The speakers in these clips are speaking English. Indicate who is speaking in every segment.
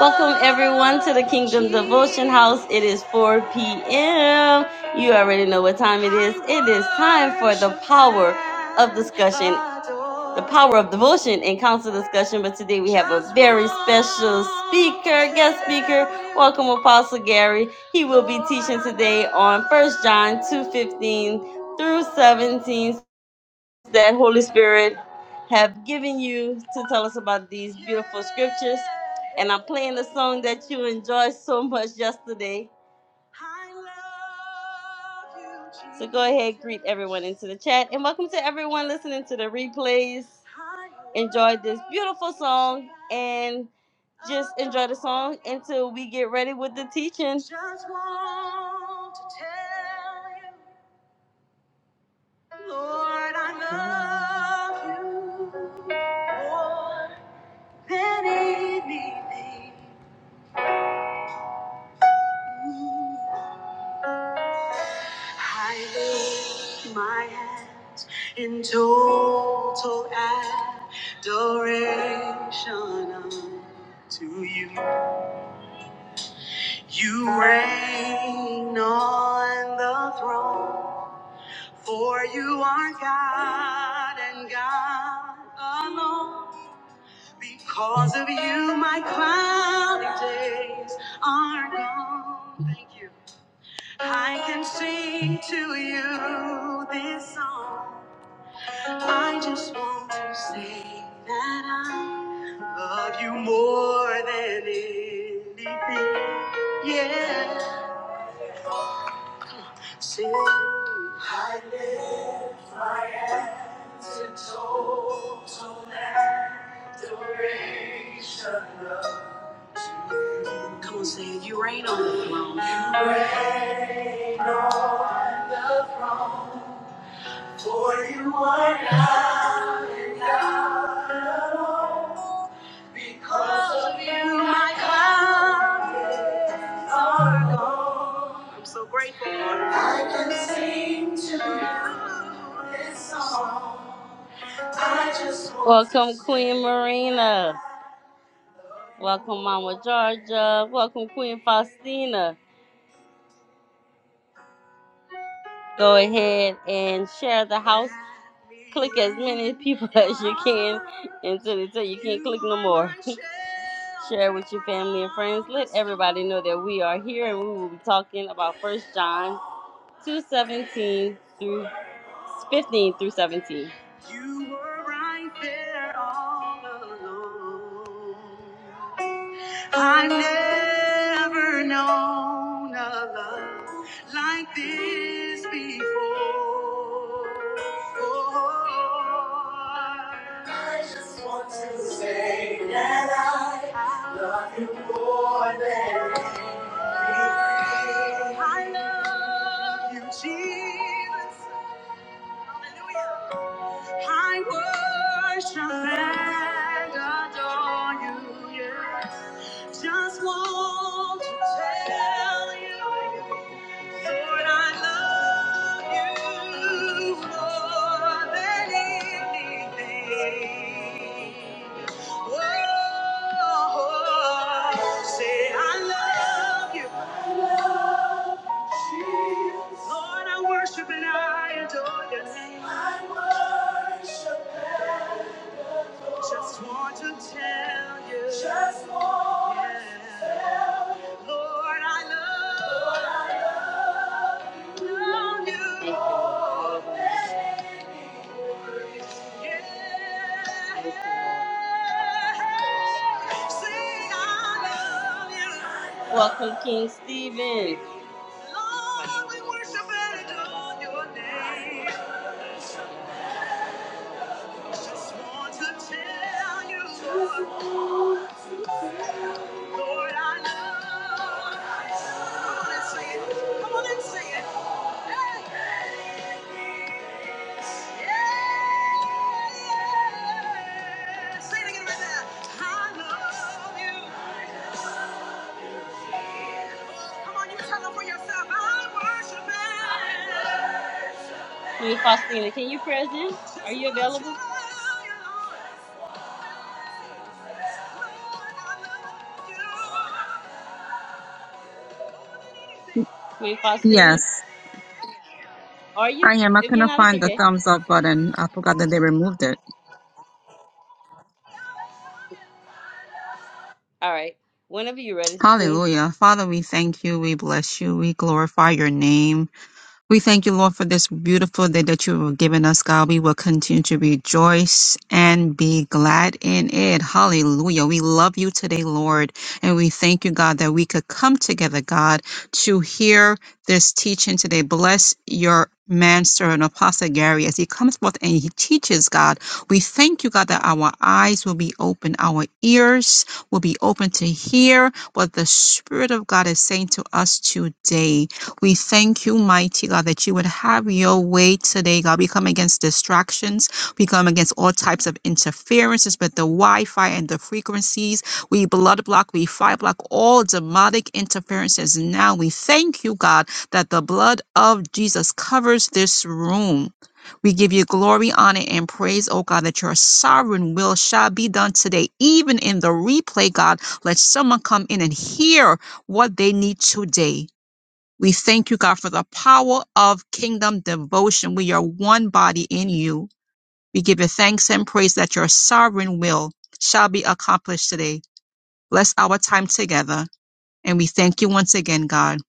Speaker 1: Welcome everyone to the Kingdom Devotion House. It is 4 p.m. You already know what time it is. It is time for the power of discussion, the power of devotion and council discussion. But today we have a very special speaker, guest speaker. Welcome Apostle Gary. He will be teaching today on First John 2:15 through 17 that Holy Spirit have given you to tell us about these beautiful scriptures. And I'm playing the song that you enjoyed so much yesterday. So go ahead, greet everyone into the chat, and welcome to everyone listening to the replays. Enjoy this beautiful song and just enjoy the song until we get ready with the teaching. Lord, I love you more than anything. I lift my hands in total adoration to you. You reign on the throne, for you are God and God alone. Because of you, my cloudy days are gone. Thank you. I can sing to you this song. I just want to say that I love you more than anything. Yeah. Sing. I lift my hands in total adoration. Come on, say it. You reign on the throne. For you are God. Because of you, my clouds are gone. I'm so grateful. I can sing to you this song. I just want Welcome, to Queen sing. Marina. Welcome, Mama Georgia. Welcome, Queen Faustina. Go ahead and share the house. Click as many people as you can until, until you can't click no more. share with your family and friends. Let everybody know that we are here and we will be talking about First John two seventeen through 15 through 17. You were right there all along. I never known a love like this before. I just want to say that I love you more than anything. I love you, Jesus. Hallelujah. I worship and adore you. Yes. Just want to tell you, Lord, I love you more than anything. Oh, say I love you. Jesus. Lord, I worship and I adore your name. I worship and adore. Just want to tell you. Just want to yeah. tell you. Lord, I love, Lord, I love you. Lord, yeah. yeah. Sing, I love you. Welcome, King Stephen. Lord, we worship and adore your name. Just want to tell you, Lord, I love. Come on and sing it. Come on and sing it. Hey. Yeah, yeah. Sing it again right there. I love you. Come on, you tell them for yourself. I worship it. Queen Faustina, can you present? Are you available? Queen Faustina,
Speaker 2: Yes,
Speaker 1: are you?
Speaker 2: I am. I
Speaker 1: If you're
Speaker 2: couldn't
Speaker 1: not, it's
Speaker 2: find the
Speaker 1: okay.
Speaker 2: thumbs up button. I forgot that they removed it.
Speaker 1: All right. Whenever you're ready, Queen.
Speaker 2: Hallelujah. Father, we thank you. We bless you. We glorify your name. We thank you, Lord, for this beautiful day that you have given us, God. We will continue to rejoice and be glad in it. Hallelujah. We love you today, Lord. And we thank you, God, that we could come together, God, to hear this teaching today. Bless your man, servant, Apostle Gary, as he comes forth and he teaches, God. We thank you, God, that our eyes will be open, our ears will be open to hear what the Spirit of God is saying to us today. We thank you, mighty God, that you would have your way today, God. We come against distractions. We come against all types of interferences with the Wi Fi and the frequencies. We blood block, we fire block all demonic interferences. Now we thank you, God, that the blood of Jesus covers this room. We give you glory, honor, and praise, oh God, that your sovereign will shall be done today. Even in the replay, God, let someone come in and hear what they need today. We thank you, God, for the power of kingdom devotion. We are one body in you. We give you thanks and praise that your sovereign will shall be accomplished today. Bless our time together. And we thank you once again, God,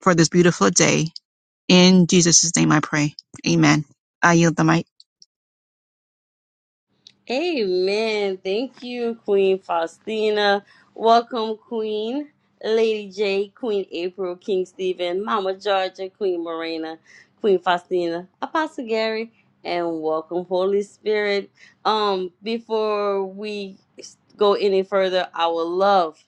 Speaker 2: for this beautiful day. In Jesus' name I pray. Amen. I yield the mic.
Speaker 1: Amen. Thank you, Queen Faustina. Welcome, Queen. Lady J, Queen April, King Stephen, Mama Georgia, Queen Morena, Queen Faustina, Apostle Gary, and welcome, Holy Spirit. Um, before we s- go any further, I would love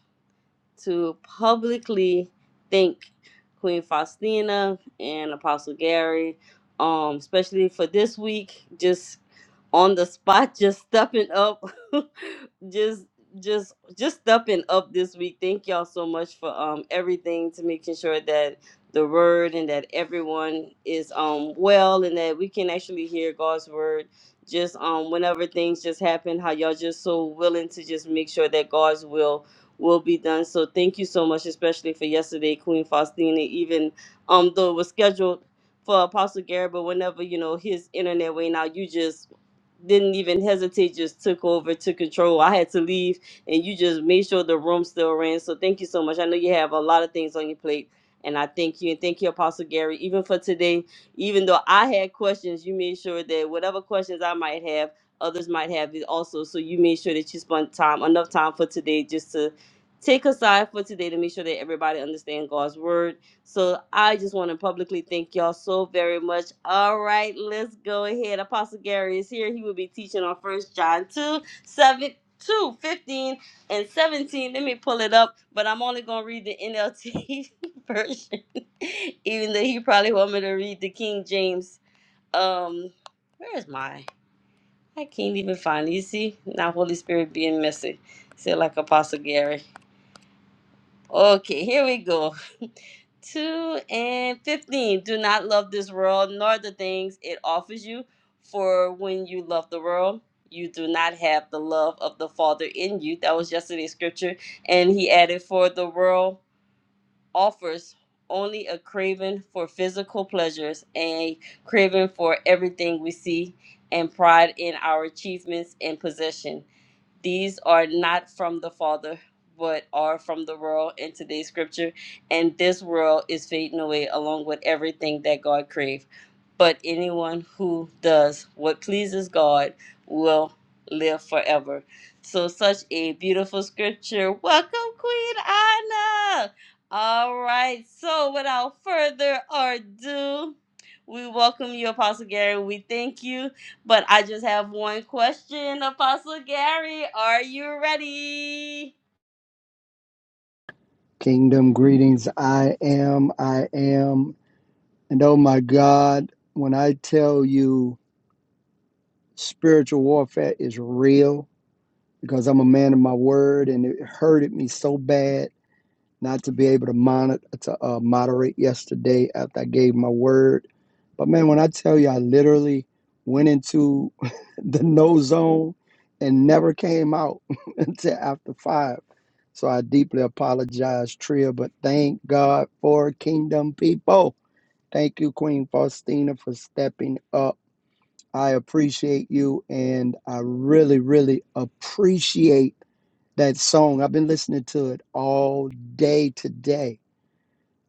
Speaker 1: to publicly thank Queen Faustina and Apostle Gary, um, especially for this week, just on the spot, just stepping up, just just just stepping up this week. Thank y'all so much for um everything to making sure that the word and that everyone is um well and that we can actually hear God's word just um whenever things just happen, how y'all just so willing to just make sure that God's will will be done. So thank you so much, especially for yesterday, Queen Faustina. Even um, though it was scheduled for Apostle Gary, but whenever you know his internet went out, you just didn't even hesitate, just took over, took control. I had to leave, and you just made sure the room still ran. So thank you so much. I know you have a lot of things on your plate, and I thank you and thank you, Apostle Gary, even for today. Even though I had questions, you made sure that whatever questions I might have, others might have it also. So you made sure that you spent time enough time for today just to take aside for today to make sure that everybody understands God's word so I just want to publicly thank y'all so very much. All right, let's go ahead. Apostle Gary is here. He will be teaching on First John 2 7 2 15 and 17. Let me pull it up, but I'm only going to read the NLT version, even though he probably want me to read the King James. Um, Where is my? I can't even find it. You see, now Holy Spirit being messy. Say like Apostle Gary. Okay, here we go. 2 and 15. Do not love this world nor the things it offers you, for when you love the world, you do not have the love of the Father in you. That was yesterday's scripture. And he added, For the world offers only a craving for physical pleasures and a craving for everything we see and pride in our achievements and possession these are not from the Father, but are from the world in today's scripture. And this world is fading away along with everything that God created but anyone who does what pleases God will live forever. So, such a beautiful scripture. Welcome, Queen Anna. All right. So, without further ado, we welcome you, Apostle Gary. We thank you. But I just have one question, Apostle Gary. Are you ready?
Speaker 3: Kingdom greetings. I am, I am. And oh my God, when I tell you spiritual warfare is real, because I'm a man of my word and it hurted me so bad not to be able to monitor to uh, moderate yesterday after I gave my word. But man, when I tell you, I literally went into the no zone and never came out until after five. So I deeply apologize, Tria, but thank God for Kingdom people. Thank you, Queen Faustina, for stepping up. I appreciate you, and I really, really appreciate that song. I've been listening to it all day today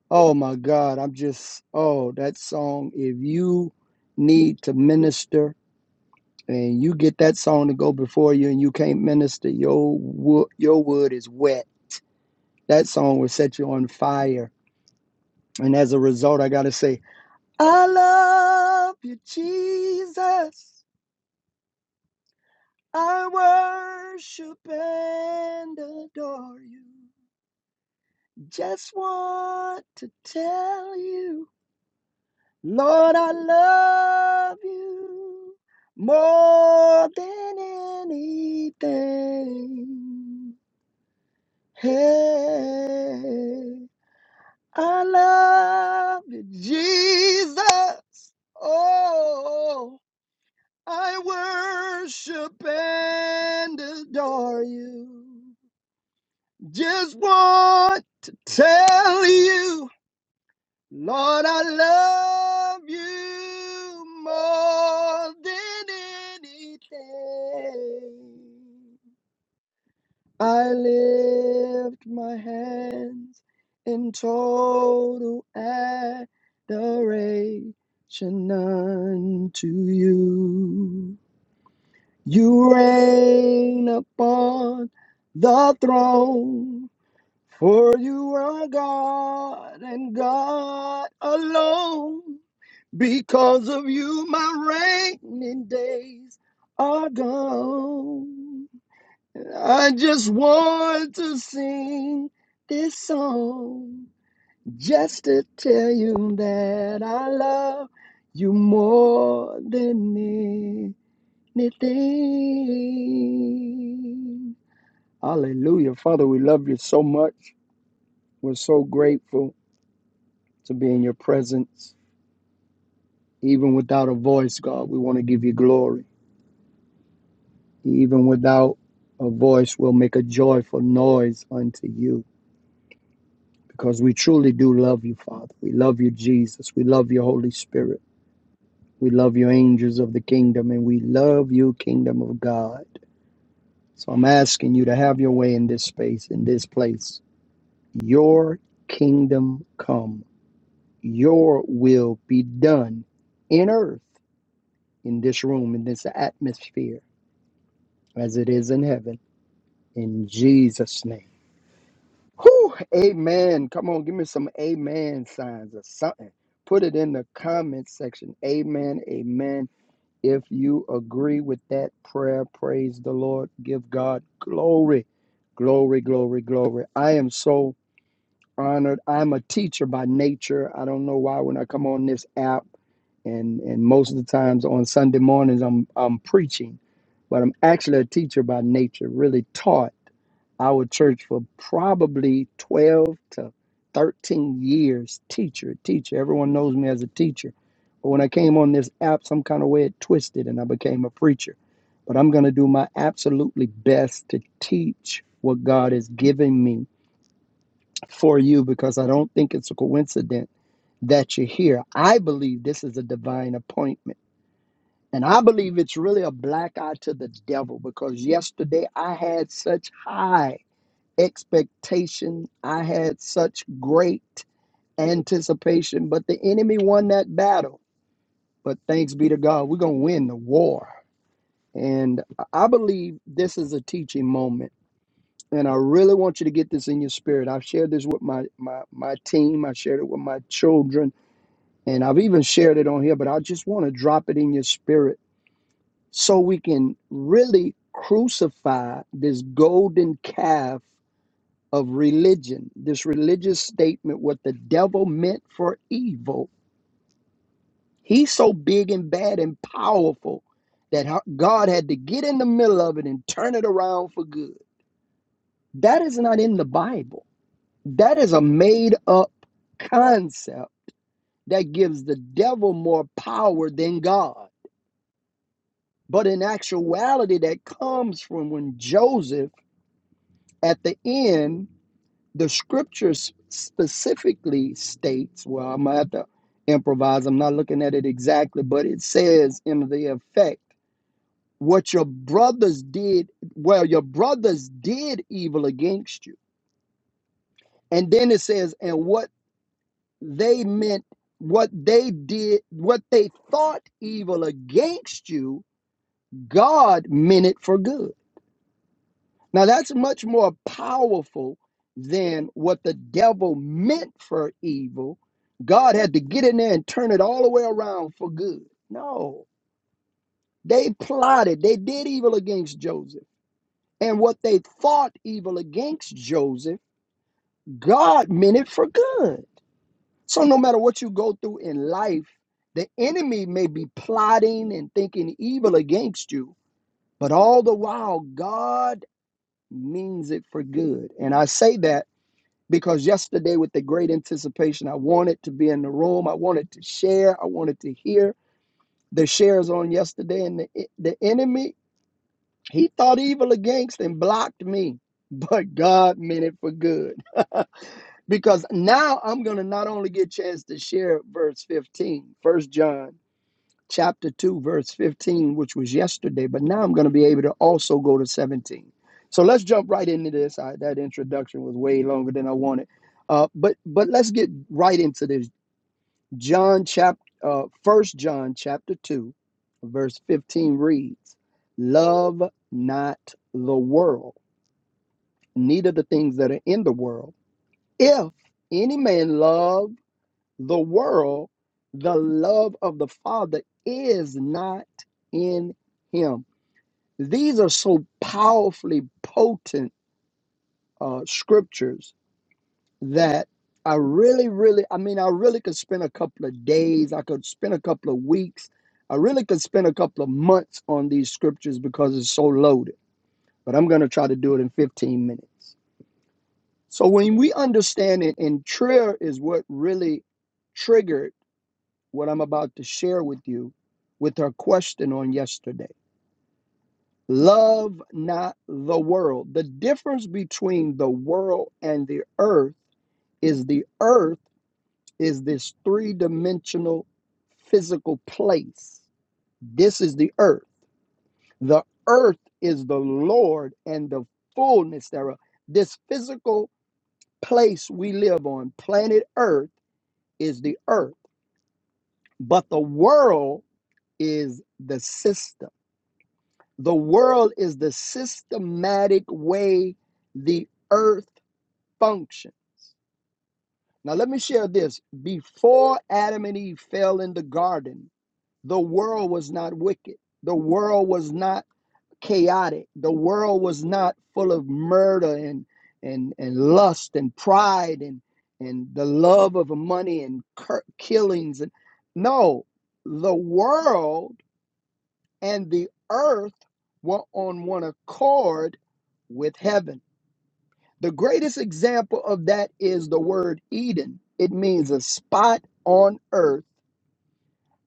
Speaker 3: Oh my God, I'm just, oh, that song. If you need to minister and you get that song to go before you and you can't minister, your wood, your wood is wet. That song will set you on fire. And as a result, I got to say, I love you, Jesus. I worship and adore you. Just want to tell you. Lord, I love you more than anything. Hey, I love you, Jesus. Oh, I worship and adore you. Just want to tell you. Lord, I love you more than anything. I lift my hands in total adoration unto you. You reign upon the throne, for you are God and God alone. Because of you, my raining days are gone. I just want to sing this song just to tell you that I love you more than anything. Hallelujah. Father, we love you so much. We're so grateful to be in your presence. Even without a voice, God, we want to give you glory. even without a voice, will make a joyful noise unto you because we truly do love you, Father. We love you, Jesus. We love you, Holy Spirit. We love you, angels of the kingdom, and we love you, kingdom of God. So I'm asking you to have your way in this space, in this place. Your kingdom come, your will be done in earth, in this room, in this atmosphere, as it is in heaven. In Jesus' name. Whew, amen. Come on, give me some amen signs or something. Put it in the comment section. Amen, amen. If you agree with that prayer, praise the Lord. Give God glory, glory, glory, glory. I am so honored. I'm a teacher by nature. I don't know why when I come on this app and, and most of the times on Sunday mornings I'm I'm preaching, but I'm actually a teacher by nature, really taught our church for probably 12 to 13 years. Teacher, teacher. Everyone knows me as a teacher. But when I came on this app, some kind of way it twisted and I became a preacher. But I'm going to do my absolutely best to teach what God has given me for you because I don't think it's a coincidence that you're here. I believe this is a divine appointment. And I believe it's really a black eye to the devil because yesterday I had such high expectation. I had such great anticipation, but the enemy won that battle. But thanks be to God, we're going to win the war. And I believe this is a teaching moment. And I really want you to get this in your spirit. I've shared this with my, my, my team, I shared it with my children, and I've even shared it on here, but I just want to drop it in your spirit so we can really crucify this golden calf of religion, this religious statement, what the devil meant for evil. He's so big and bad and powerful that ho- God had to get in the middle of it and turn it around for good. That is not in the Bible. That is a made up concept that gives the devil more power than God. But in actuality, that comes from when Joseph at the end. the scriptures specifically states, well, I'm gonna have to improvise, I'm not looking at it exactly, but it says in the effect, what your brothers did, well, your brothers did evil against you. And then it says, and what they meant, what they did, what they thought evil against you, God meant it for good. Now, that's much more powerful than what the devil meant for evil. God had to get in there and turn it all the way around for good. No, they plotted, they did evil against Joseph. And what they thought evil against Joseph, God meant it for good. So, no matter what you go through in life, the enemy may be plotting and thinking evil against you, but all the while, God means it for good. And I say that because yesterday with the great anticipation i wanted to be in the room i wanted to share i wanted to hear the shares on yesterday and the, the enemy he thought evil against and blocked me but god meant it for good because now i'm gonna not only get a chance to share verse 15, First john chapter 2, verse 15, which was yesterday, but now I'm going to be able to also go to 17. So let's jump right into this. I, that introduction was way longer than I wanted. Uh, but but let's get right into this. John chapter uh, 1 John chapter 2, verse 15 reads, Love not the world, neither the things that are in the world. If any man love the world, the love of the Father is not in him. These are so powerfully potent uh, scriptures that I really, really, I mean, I really could spend a couple of days, I could spend a couple of weeks, I really could spend a couple of months on these scriptures because it's so loaded. But I'm going to try to do it in 15 minutes. So when we understand it, and prayer is what really triggered what I'm about to share with you with her question on yesterday. Love not the world. The difference between the world and the earth is the earth is this three dimensional physical place. This is the earth. The earth is the Lord and the fullness thereof. This physical place we live on, planet earth, is the earth. But the world is the system The world is the systematic way the earth functions. Now, let me share this. Before Adam and Eve fell in the garden, the world was not wicked, the world was not chaotic, the world was not full of murder and, and, and lust and pride and, and the love of money and cur- killings. And, no, the world and the earth were on one accord with heaven. The greatest example of that is the word Eden. It means a spot on earth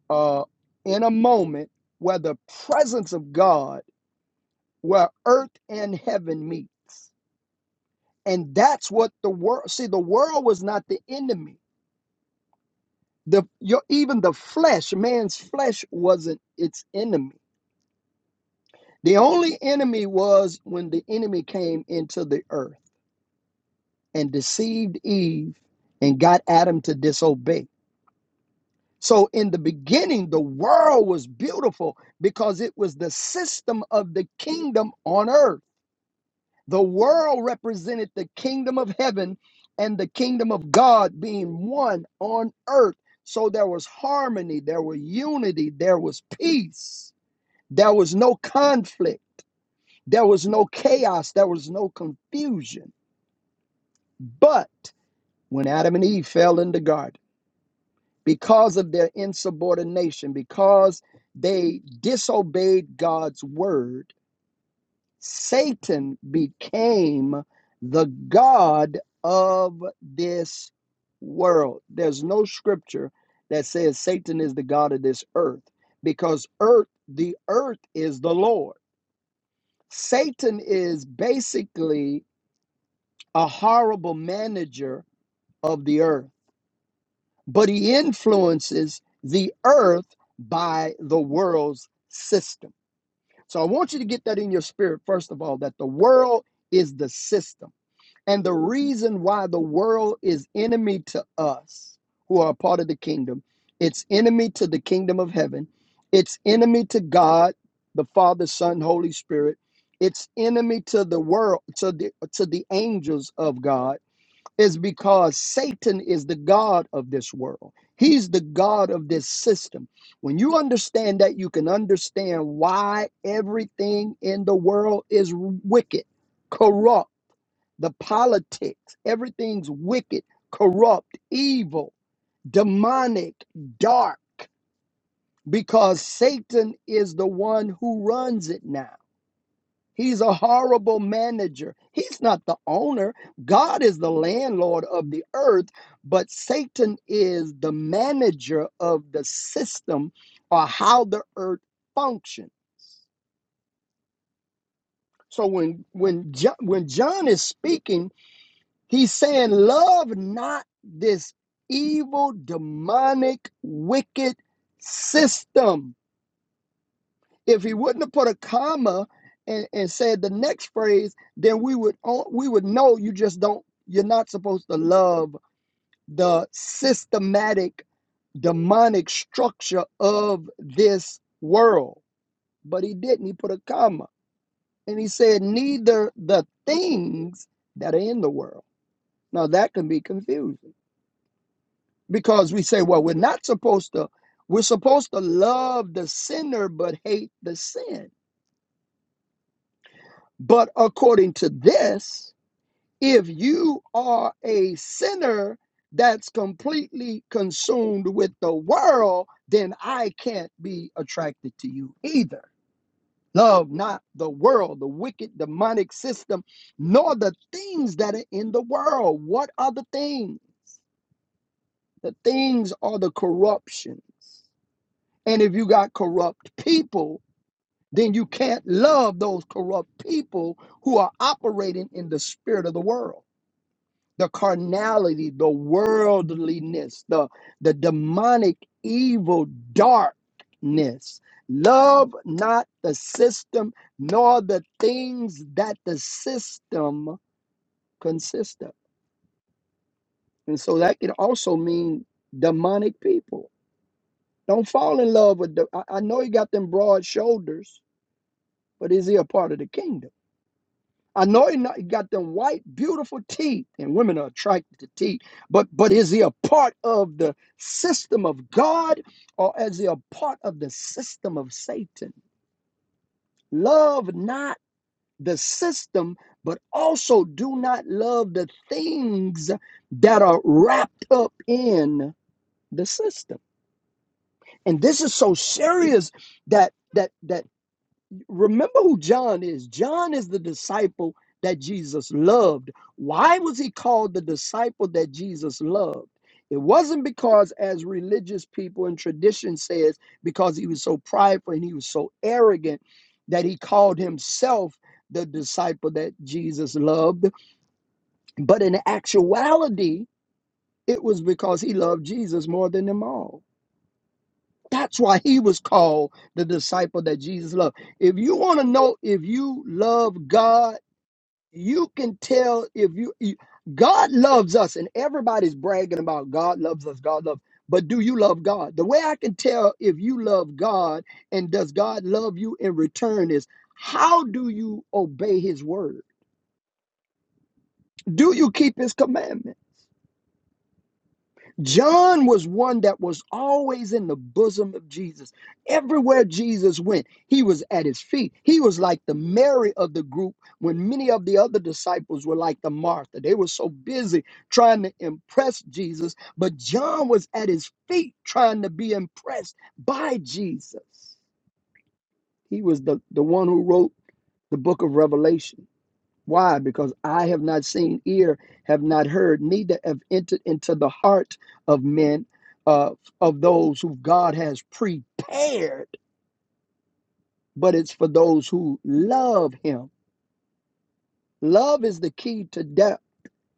Speaker 3: uh, in a moment where the presence of God, where earth and heaven meets. And that's what the world, see, the world was not the enemy. The, your, even the flesh, man's flesh wasn't its enemy. The only enemy was when the enemy came into the earth and deceived Eve and got Adam to disobey. So, in the beginning, the world was beautiful because it was the system of the kingdom on earth. The world represented the kingdom of heaven and the kingdom of God being one on earth. So, there was harmony, there was unity, there was peace, there was no conflict, there was no chaos, there was no confusion. But when Adam and Eve fell in the garden, because of their insubordination, because they disobeyed God's word, Satan became the God of this world. There's no scripture that says Satan is the God of this earth because earth, the earth is the Lord. Satan is basically a horrible manager of the earth but he influences the earth by the world's system. So I want you to get that in your spirit, first of all, that the world is the system. And the reason why the world is enemy to us who are a part of the kingdom, it's enemy to the kingdom of heaven, it's enemy to God, the Father, Son, Holy Spirit, it's enemy to the world, to the to the angels of God is because Satan is the God of this world. He's the God of this system. When you understand that, you can understand why everything in the world is wicked, corrupt, the politics, everything's wicked, corrupt, evil, demonic, dark, because Satan is the one who runs it now. He's a horrible manager. He's not the owner. God is the landlord of the earth, but Satan is the manager of the system or how the earth functions. So when when John, when John is speaking, he's saying, "Love not this evil, demonic, wicked system." if he wouldn't have put a comma and, and said the next phrase, then we would we would know you just don't you're not supposed to love the systematic demonic structure of this world. But he didn't. He put a comma and he said neither the things that are in the world. Now that can be confusing because we say, well, we're not supposed to. We're supposed to love the sinner but hate the sin. But according to this, if you are a sinner that's completely consumed with the world, then I can't be attracted to you either. Love not the world, the wicked demonic system, nor the things that are in the world. What are the things? The things are the corruptions. And if you got corrupt people, then you can't love those corrupt people who are operating in the spirit of the world. the carnality, the worldliness, the, the demonic evil darkness. Love not the system, nor the things that the system consist of. And so that can also mean demonic people. Don't fall in love with the. I, I know he got them broad shoulders, but is he a part of the kingdom? I know he he got them white, beautiful teeth, and women are attracted to teeth. But but is he a part of the system of God, or is he a part of the system of Satan? Love not the system, but also do not love the things that are wrapped up in the system. And this is so serious that that that Remember who John is. John is the disciple that Jesus loved. Why was he called the disciple that Jesus loved? It wasn't because, as religious people and tradition says, because he was so prideful and he was so arrogant that he called himself the disciple that Jesus loved. But in actuality, it was because he loved Jesus more than them all. That's why he was called the disciple that Jesus loved. If you want to know if you love God, you can tell if you, you- God loves us, and everybody's bragging about God loves us, God loves. But do you love God? The way I can tell if you love God and does God love you in return is how do you obey his word? Do you keep his commandments? John was one that was always in the bosom of Jesus. Everywhere Jesus went, he was at his feet. He was like the Mary of the group when many of the other disciples were like the Martha. They were so busy trying to impress Jesus, but John was at his feet trying to be impressed by Jesus. He was the, the one who wrote the book of Revelation. Why? Because I have not seen, ear have not heard, neither have entered into the heart of men, uh, of those who God has prepared, but it's for those who love Him. Love is the key to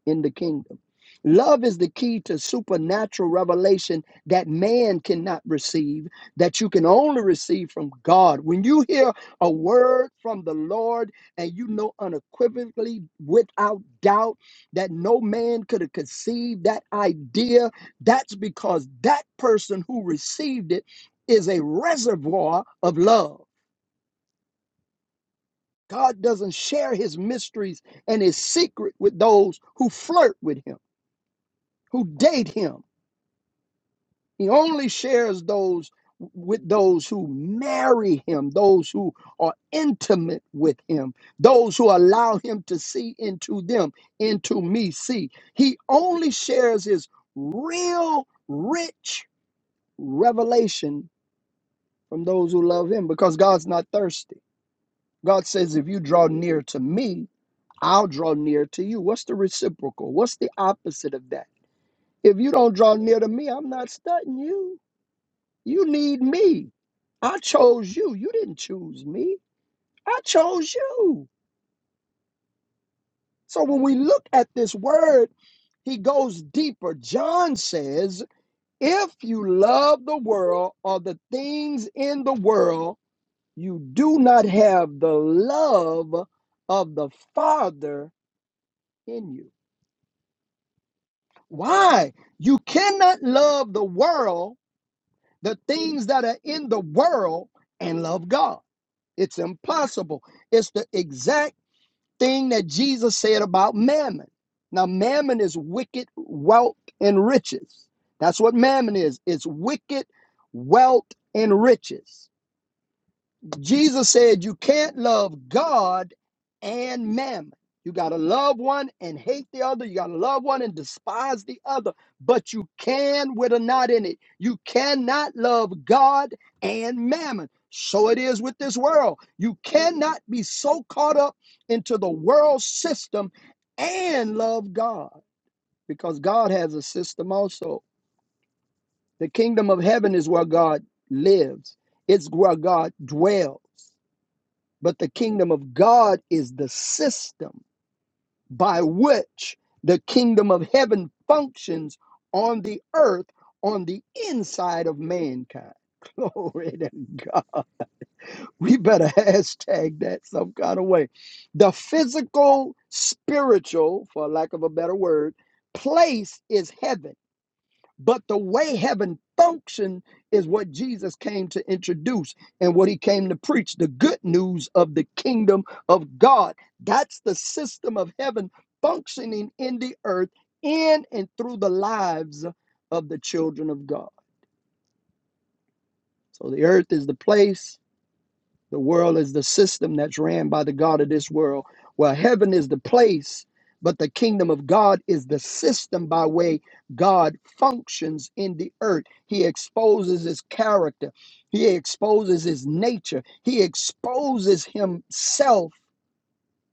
Speaker 3: in the kingdom. Love is the key to supernatural revelation that man cannot receive, that you can only receive from God. When you hear a word from the Lord and you know unequivocally, without doubt, that no man could have conceived that idea, that's because that person who received it is a reservoir of love. God doesn't share his mysteries and his secret with those who flirt with him, who date him He only shares those with those who marry him, those who are intimate with him, those who allow him to see into them, into me, see. He only shares his real rich revelation from those who love him because God's not thirsty. God says, if you draw near to me, I'll draw near to you. What's the reciprocal? What's the opposite of that? If you don't draw near to me, I'm not studying you You need me. I chose you. You didn't choose me. I chose you. So when we look at this word, he goes deeper. John says, If you love the world or the things in the world, you do not have the love of the Father in you. Why? You cannot love the world, the things that are in the world, and love God. It's impossible. It's the exact thing that Jesus said about mammon. Now, mammon is wicked wealth and riches. That's what mammon is. It's wicked wealth and riches. Jesus said you can't love God and mammon. You got to love one and hate the other. You got to love one and despise the other. But you can with a knot in it. You cannot love God and mammon. So it is with this world. You cannot be so caught up into the world system and love God because God has a system also. The kingdom of heaven is where God lives, it's where God dwells. But the kingdom of God is the system by which the kingdom of heaven functions on the earth, on the inside of mankind. Glory to God. We better hashtag that some kind of way. The physical, spiritual, for lack of a better word, place is heaven but the way heaven functions is what Jesus came to introduce and what he came to preach the good news of the kingdom of God. That's the system of heaven functioning in the earth, in and through the lives of the children of God. So the earth is the place the world is the system that's ran by the God of this world. Well, heaven is the place, but the kingdom of God is the system by way God functions in the earth. He exposes his character, he exposes his nature, he exposes himself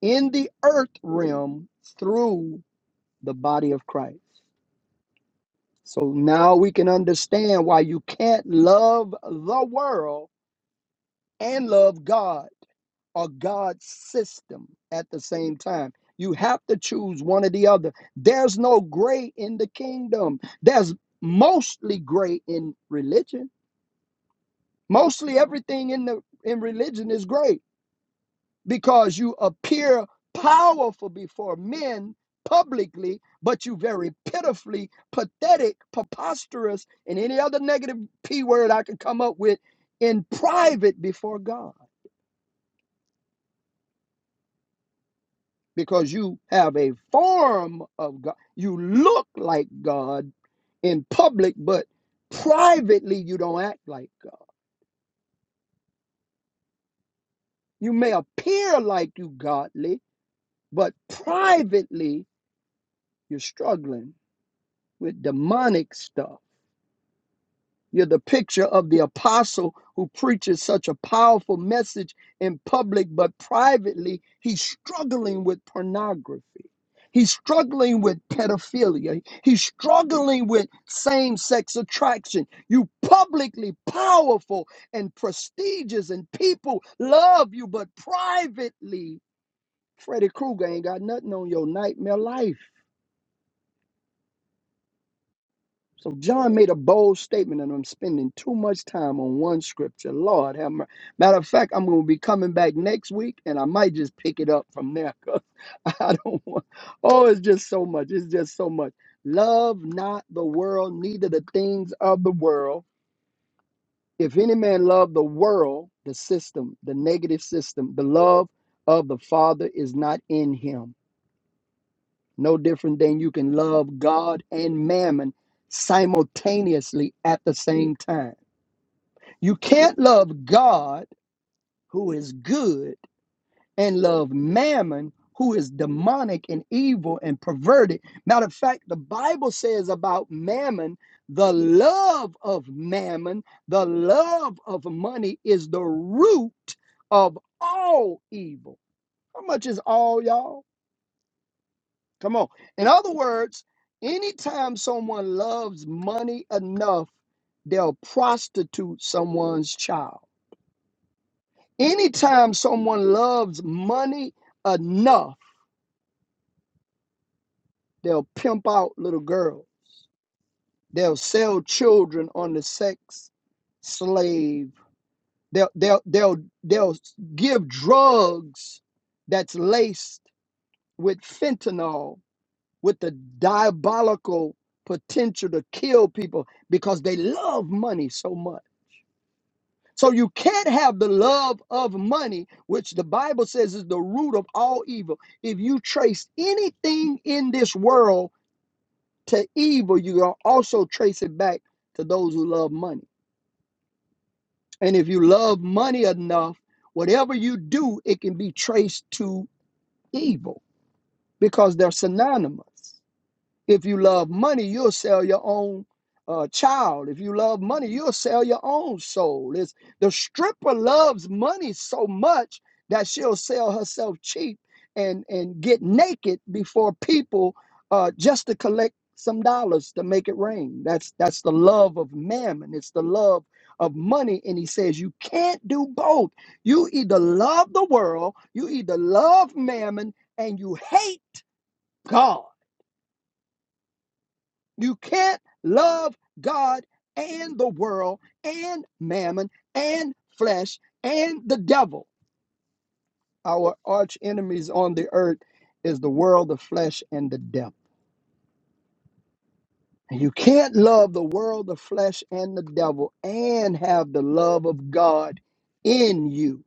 Speaker 3: in the earth realm through the body of Christ. So now we can understand why you can't love the world and love God or God's system at the same time. You have to choose one or the other. There's no gray in the kingdom. There's mostly gray in religion. Mostly everything in the in religion is gray because you appear powerful before men publicly, but you very pitifully pathetic, preposterous, and any other negative p word I could come up with in private before God. because you have a form of God. You look like God in public, but privately you don't act like. God. You may appear like you godly, but privately you're struggling with demonic stuff. You're the picture of the apostle who preaches such a powerful message in public, but privately, he's struggling with pornography. He's struggling with pedophilia. He's struggling with same sex attraction. You publicly powerful and prestigious, and people love you, but privately, Freddy Krueger ain't got nothing on your nightmare life. So John made a bold statement, and I'm spending too much time on one scripture. Lord, have mer- matter of fact, I'm going to be coming back next week, and I might just pick it up from there. 'cause I don't want. Oh, it's just so much. It's just so much. Love not the world, neither the things of the world. If any man love the world, the system, the negative system, the love of the Father is not in him. No different than you can love God and mammon simultaneously at the same time. You can't love God, who is good, and love mammon, who is demonic and evil and perverted. Matter of fact, the Bible says about mammon the love of mammon, the love of money is the root of all evil. How much is all, y'all? Come on. In other words, anytime someone loves money enough, they'll prostitute someone's child. Anytime someone loves money enough, they'll pimp out little girls. They'll sell children on the sex slave. They'll they'll they'll they'll give drugs that's laced with fentanyl with the diabolical potential to kill people because they love money so much. So you can't have the love of money, which the Bible says is the root of all evil. If you trace anything in this world to evil, you will also trace it back to those who love money. And if you love money enough, whatever you do, it can be traced to evil because they're synonymous. If you love money, you'll sell your own uh, child. If you love money, you'll sell your own soul. It's, the stripper loves money so much that she'll sell herself cheap and, and get naked before people uh, just to collect some dollars to make it rain. That's that's the love of mammon. It's the love of money. And he says you can't do both. You either love the world, you either love mammon, and you hate God. You can't love God and the world and mammon and flesh and the devil. Our arch enemies on the earth is the world, the flesh, and the devil. And you can't love the world, the flesh, and the devil and have the love of God in you.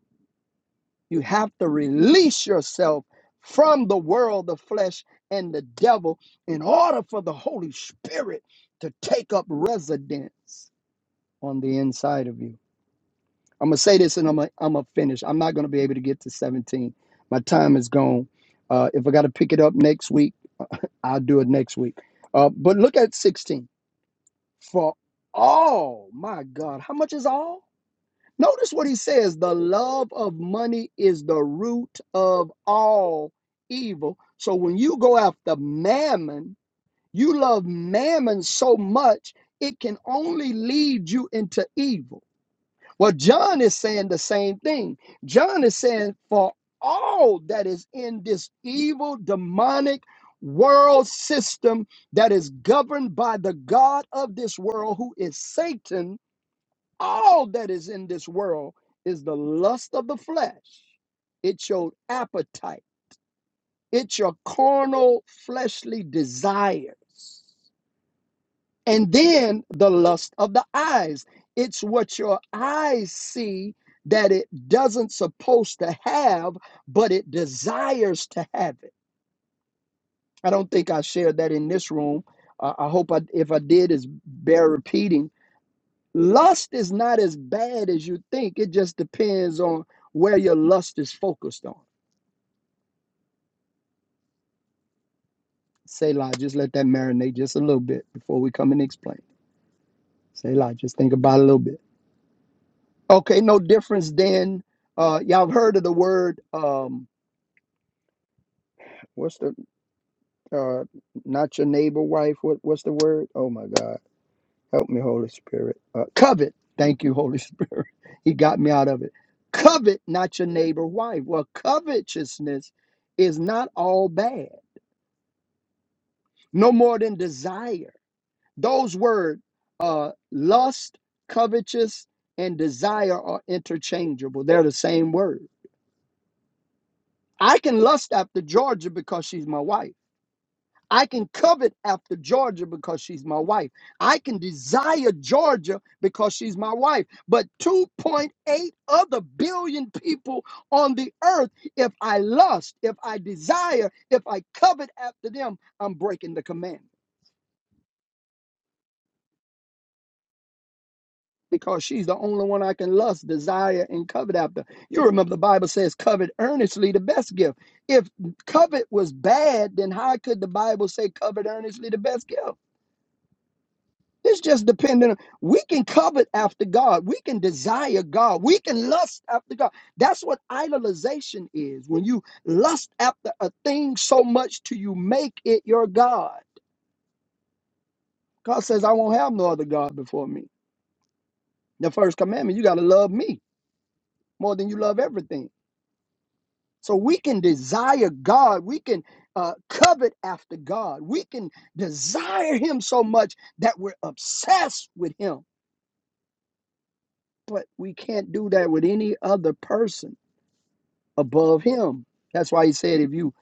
Speaker 3: You have to release yourself from the world, the flesh, and the devil in order for the Holy Spirit to take up residence. on the inside of you. I'm gonna say this and I'm gonna, I'm gonna finish. I'm not gonna be able to get to 17. My time is gone. Uh, if I gotta pick it up next week, I'll do it next week. Uh, but look at 16. For all, my God, how much is all? Notice what he says the love of money is the root of all evil. So when you go after mammon, you love mammon so much, it can only lead you into evil. Well, John is saying the same thing. John is saying, for all that is in this evil, demonic world system that is governed by the God of this world, who is Satan, all that is in this world is the lust of the flesh. It's your appetite, it's your carnal, fleshly desires. And then the lust of the eyes. It's what your eyes see that it doesn't supposed to have, but it desires to have it. I don't think I shared that in this room. Uh, I hope I, if I did, is bear repeating. Lust is not as bad as you think. It just depends on where your lust is focused on. Say, just let that marinate just a little bit before we come and explain. Say, just think about it a little bit. Okay, no difference then. Uh, y'all have heard of the word um, what's the uh, not your neighbor wife? What what's the word? Oh my God, help me, Holy Spirit. Uh, covet. Thank you, Holy Spirit. he got me out of it. Covet, not your neighbor wife. Well, covetousness is not all bad. No more than desire. Those words, uh, lust, covetous, and desire are interchangeable. They're the same word I can lust after Georgia because she's my wife. I can covet after Georgia because she's my wife. I can desire Georgia because she's my wife. But 2.8 other billion people on the earth, if I lust, if I desire, if I covet after them, I'm breaking the commandment. because she's the only one I can lust, desire, and covet after. You remember the Bible says, covet earnestly the best gift. If covet was bad, then how could the Bible say covet earnestly the best gift? It's just dependent. On, we can covet after God. We can desire God. We can lust after God. That's what idolization is. When you lust after a thing so much till you make it your God. God says, I won't have no other God before me. The first commandment, you got to love me more than you love everything. So we can desire God. We can uh, covet after God. We can desire Him so much that we're obsessed with Him. But we can't do that with any other person above Him. That's why He said, if you,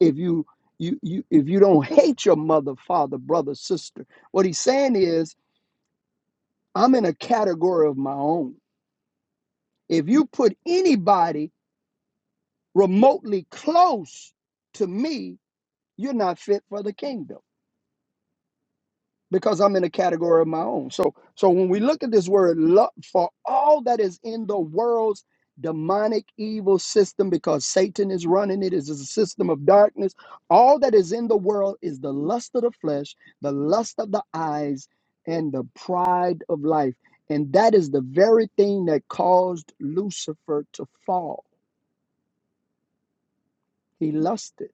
Speaker 3: if you, you, you, if you don't hate your mother, father, brother, sister, what He's saying is, I'm in a category of my own. If you put anybody remotely close to me, you're not fit for the kingdom. because I'm in a category of my own. So so when we look at this word love for all that is in the world's demonic evil system because Satan is running it is a system of darkness. All that is in the world is the lust of the flesh, the lust of the eyes and the pride of life. And that is the very thing that caused Lucifer to fall. He lusted.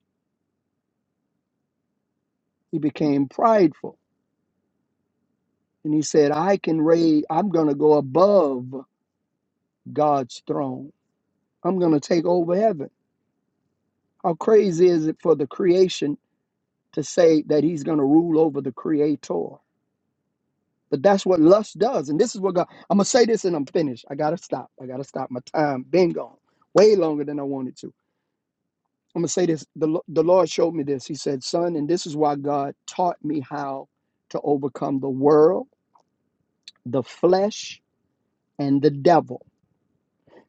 Speaker 3: He became prideful. And he said, I can raise, I'm going to go above God's throne. I'm going to take over heaven. How crazy is it for the creation to say that he's going to rule over the creator? But that's what lust does. And this is what God, I'm going to say this and I'm finished. I got to stop. I got to stop. My time been gone way longer than I wanted to. I'm going to say this. The, Lo- the Lord showed me this. He said, Son, and this is why God taught me how to overcome the world, the flesh, and the devil.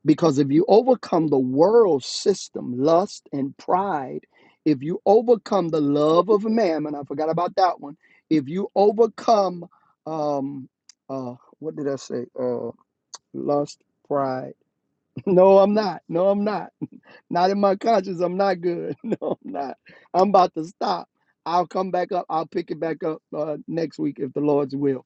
Speaker 3: Because if you overcome the world system, lust and pride, if you overcome the love of mammon, I forgot about that one. If you overcome, um, uh, what did I say? Uh, lust, pride. No, I'm not. No, I'm not. Not in my conscience. I'm not good. No, I'm not. I'm about to stop. I'll come back up. I'll pick it back up uh, next week if the Lord's will.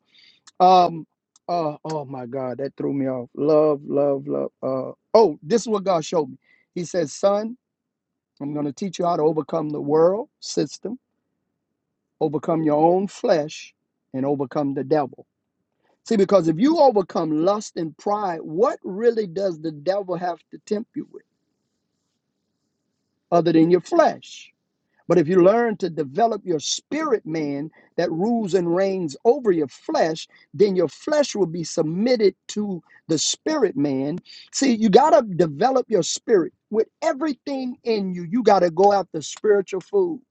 Speaker 3: Um. Uh, oh my God, that threw me off. Love, love, love. Uh. Oh, this is what God showed me. He says, "Son, I'm going to teach you how to overcome the world system, overcome your own flesh, and overcome the devil." See, because if you overcome lust and pride, what really does the devil have to tempt you with, other than your flesh? But if you learn to develop your spirit man that rules and reigns over your flesh, then your flesh will be submitted to the spirit man. See, you got to develop your spirit with everything in you. You got to go after spiritual food.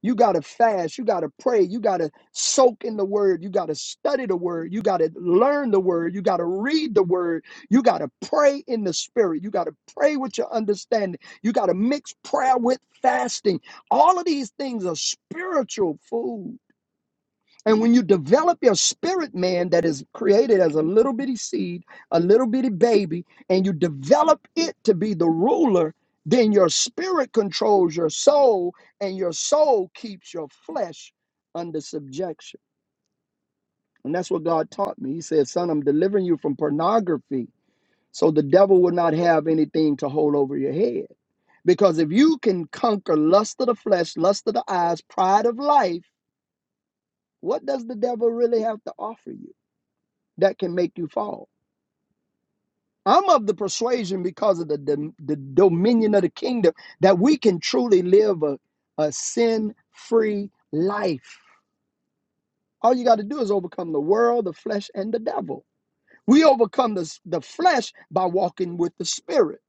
Speaker 3: You got to fast. You got to pray. You got to soak in the word. You got to study the word. You got to learn the word. You got to read the word. You got to pray in the spirit. You got to pray with your understanding. You got to mix prayer with fasting. All of these things are spiritual food. And when you develop your spirit man that is created as a little bitty seed, a little bitty baby, and you develop it to be the ruler, then your spirit controls your soul, and your soul keeps your flesh under subjection. And that's what God taught me. He said, Son, I'm delivering you from pornography so the devil will not have anything to hold over your head. Because if you can conquer lust of the flesh, lust of the eyes, pride of life, what does the devil really have to offer you? that can make you fall. I'm of the persuasion because of the, dom- the, dominion of the kingdom that we can truly live a, a sin free life. All you got to do is overcome the world, the flesh, and the devil. We overcome the, the flesh by walking with the Spirit.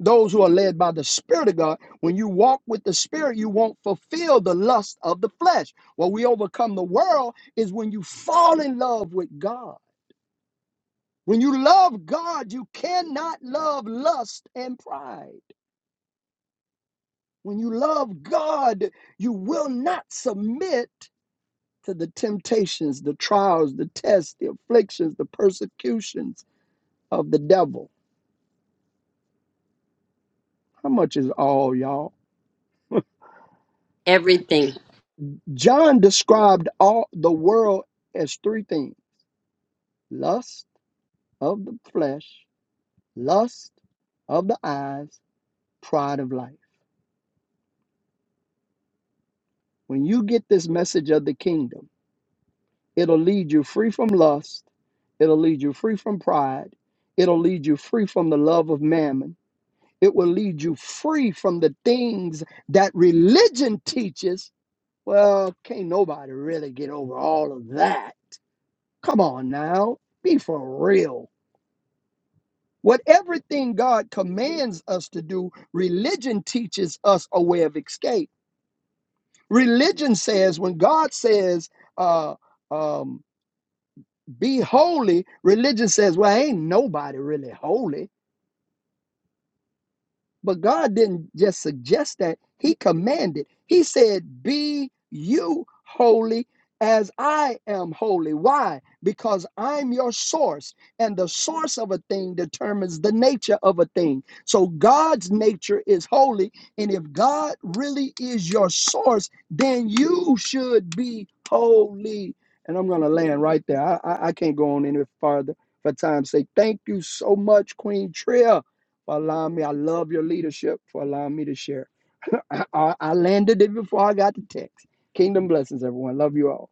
Speaker 3: Those who are led by the Spirit of God, when you walk with the Spirit, you won't fulfill the lust of the flesh. What we overcome the world is when you fall in love with God When you love God, you cannot love lust and pride. When you love God, you will not submit to the temptations, the trials, the tests, the afflictions, the persecutions of the devil. How much is all, y'all?
Speaker 1: Everything.
Speaker 3: John described all the world as three things: lust of the flesh, lust of the eyes, pride of life. When you get this message of the kingdom, It'll lead you free from lust. It'll lead you free from pride. It'll lead you free from the love of mammon. It will lead you free from the things that religion teaches. Well, can't nobody really get over all of that. Come on now, be for real. What everything God commands us to do, religion teaches us a way of escape. Religion says when God says, uh, um. be holy. Religion says, well, ain't nobody really holy. But God didn't just suggest that, He commanded. He said, Be you holy as I am holy. Why? Because I'm your source, and the source of a thing determines the nature of a thing. So God's nature is holy, and if God really is your source, then you should be holy. And I'm going to land right there. I, I, I can't go on any farther for time's sake. Thank you so much, Queen Tria for allowing me. I love your leadership for allowing me to share. I, I I landed it before I got the text. Kingdom blessings, everyone. Love you all.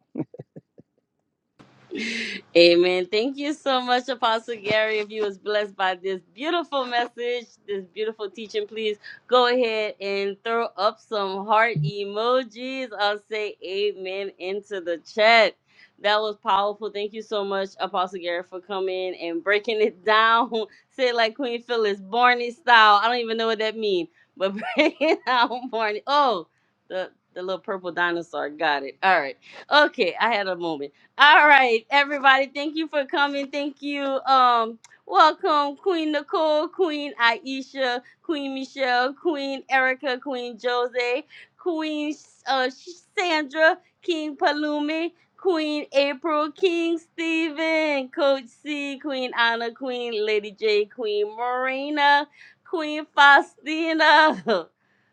Speaker 1: Amen. Thank you so much, Apostle Gary. If you was blessed by this beautiful message, this beautiful teaching, please go ahead and throw up some heart emojis. I'll say amen into the chat. That was powerful. Thank you so much, Apostle Gary, for coming and breaking it down. Say it like Queen Phyllis, Barney style. I don't even know what that means, but breaking down Barney. Oh, the, the little purple dinosaur. Got it. All right. Okay, I had a moment. All right, everybody. Thank you for coming. Thank you. Um, welcome, Queen Nicole, Queen Aisha, Queen Michelle, Queen Erica, Queen Jose, Queen uh, Sandra, King Palumi, Queen April, King Stephen, Coach C, Queen Anna, Queen Lady J, Queen Marina, Queen Faustina.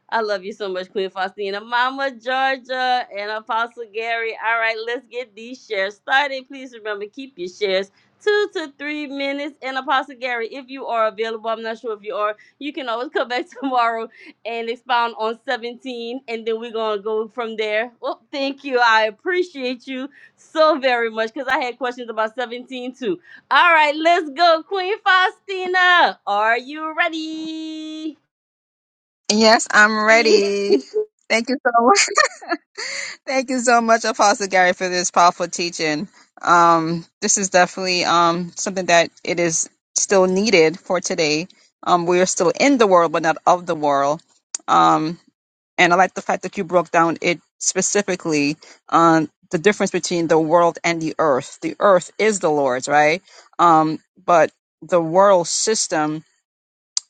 Speaker 1: I love you so much, Queen Faustina, Mama Georgia, and Apostle Gary. All right, let's get these shares started. Please remember, keep your shares two to three minutes. And Apostle Gary, if you are available, I'm not sure if you are, you can always come back tomorrow and expound on 17, and then we're going to go from there. Well, thank you. I appreciate you so very much because I had questions about 17 too. All right, let's go, Queen Faustina. Are you ready?
Speaker 2: Yes, I'm ready. Thank you so much. Thank you so much, Apostle Gary, for this powerful teaching. Um, this is definitely um, something that it is still needed for today. Um, we are still in the world, but not of the world. Um, and I like the fact that you broke down it specifically on the difference between the world and the earth. The earth is the Lord's, right? Um, but the world system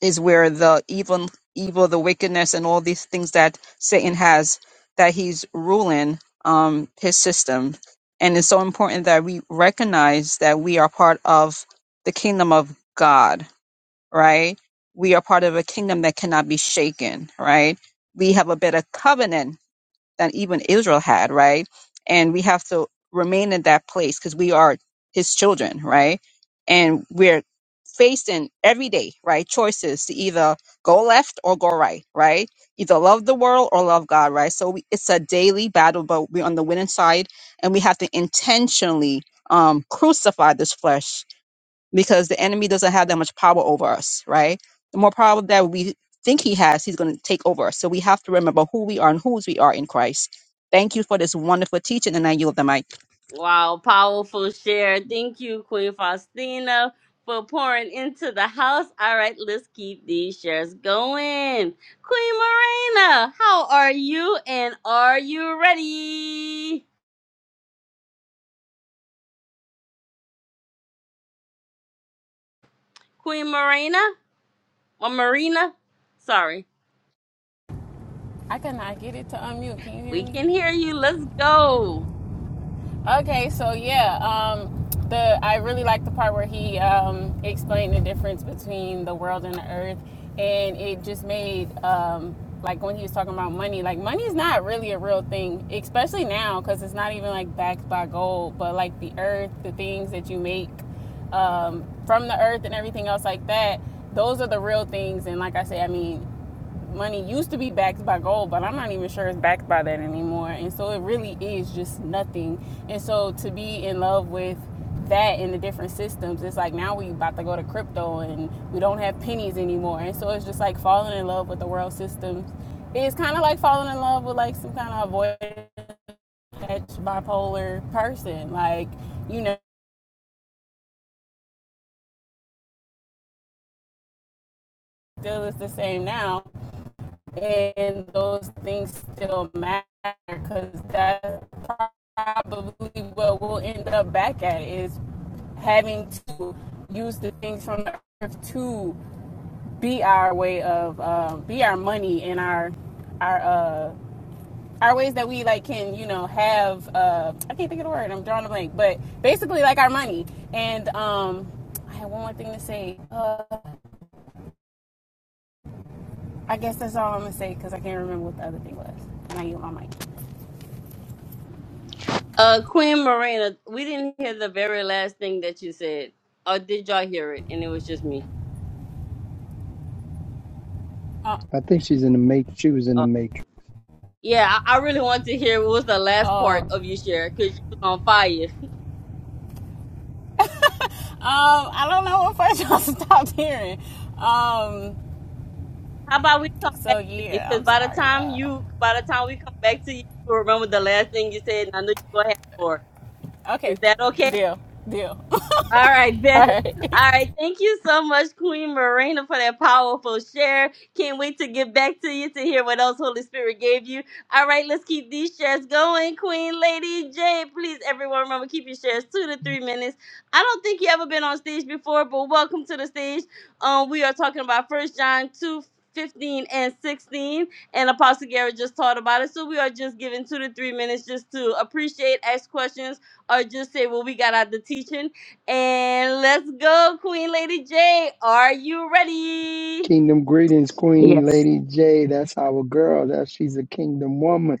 Speaker 2: is where the evil, evil, the wickedness, and all these things that Satan has that he's ruling um, his system. And it's so important that we recognize that we are part of the kingdom of God, right? We are part of a kingdom that cannot be shaken, right? We have a better covenant that even Israel had, right? And we have to remain in that place because we are his children, right? And we're facing every day, right? Choices to either go left or go right, right? Either love the world or love God, right? So we, it's a daily battle, but we're on the winning side and we have to intentionally um, crucify this flesh because the enemy doesn't have that much power over us, right? The more power that we think he has, he's going to take over us. So we have to remember who we are and whose we are in Christ. Thank you for this wonderful teaching, and I yield the mic.
Speaker 1: Wow, powerful share. Thank you, Queen Faustina, for pouring into the house. All right, let's keep these shares going. Queen Marina, how are you? And are you ready? Queen Marina? Or Marina? Sorry.
Speaker 4: I cannot get it to unmute. Can you hear
Speaker 1: We
Speaker 4: me?
Speaker 1: can hear you. Let's go.
Speaker 4: Okay, so yeah, um, the I really like the part where he um, explained the difference between the world and the earth, and it just made um, like when he was talking about money, like money is not really a real thing, especially now because it's not even like backed by gold, but like the earth, the things that you make um, from the earth and everything else like that. Those are the real things, and like I say, I mean, money used to be backed by gold, but I'm not even sure it's backed by that anymore. And so it really is just nothing. And so to be in love with that and the different systems, it's like now we about to go to crypto and we don't have pennies anymore. And so it's just like falling in love with the world systems. It's kind of like falling in love with like some kind of avoidant bipolar person. Like, you know, still is the same now, and those things still matter because that's probably what we'll end up back at is having to use the things from the earth to be our way of uh, be our money and our our uh, our ways that we like can you know have uh, I can't think of the word I'm drawing a blank but basically like our money and um, I had one more thing to say uh, I guess that's all I'm gonna say because I can't remember what the other thing was and I yield my mic.
Speaker 1: Uh, Queen Marina, we didn't hear the very last thing that you said. Or did y'all hear it? And it was just me.
Speaker 4: Uh,
Speaker 3: I think she's in the matrix. She was in the matrix.
Speaker 1: Yeah, I, I really want to hear what was the last
Speaker 4: Oh,
Speaker 1: part
Speaker 4: um,
Speaker 1: of your share because you was on fire.
Speaker 4: I don't know what first y'all stopped hearing. Um,
Speaker 1: How about we come back
Speaker 4: so
Speaker 1: to you?
Speaker 4: yeah,
Speaker 1: Because
Speaker 4: I'm
Speaker 1: by the
Speaker 4: sorry.
Speaker 1: time
Speaker 4: Uh,
Speaker 1: you, by the time we come back to you, you'll remember the last thing you said, and I know you're gonna have more.
Speaker 4: okay,
Speaker 1: Is that okay?
Speaker 4: deal, deal.
Speaker 1: All right, Ben.
Speaker 4: All right.
Speaker 1: All right, thank you so much, Queen Marina, for that powerful share. Can't wait to get back to you to hear what else Holy Spirit gave you. All right, let's keep these shares going, Queen Lady J. Please, everyone, remember keep your shares two to three minutes. I don't think you ever been on stage before, but welcome to the stage. Um, we are talking about First John two fifteen and 16 and apostle garrett just taught about it so we are just giving two to three minutes just to appreciate ask questions or just say well we got out the teaching and let's go, Queen Lady J. Are you ready?
Speaker 3: Kingdom greetings, Queen
Speaker 5: Yes.
Speaker 3: Lady J. That's our girl. That she's a kingdom woman.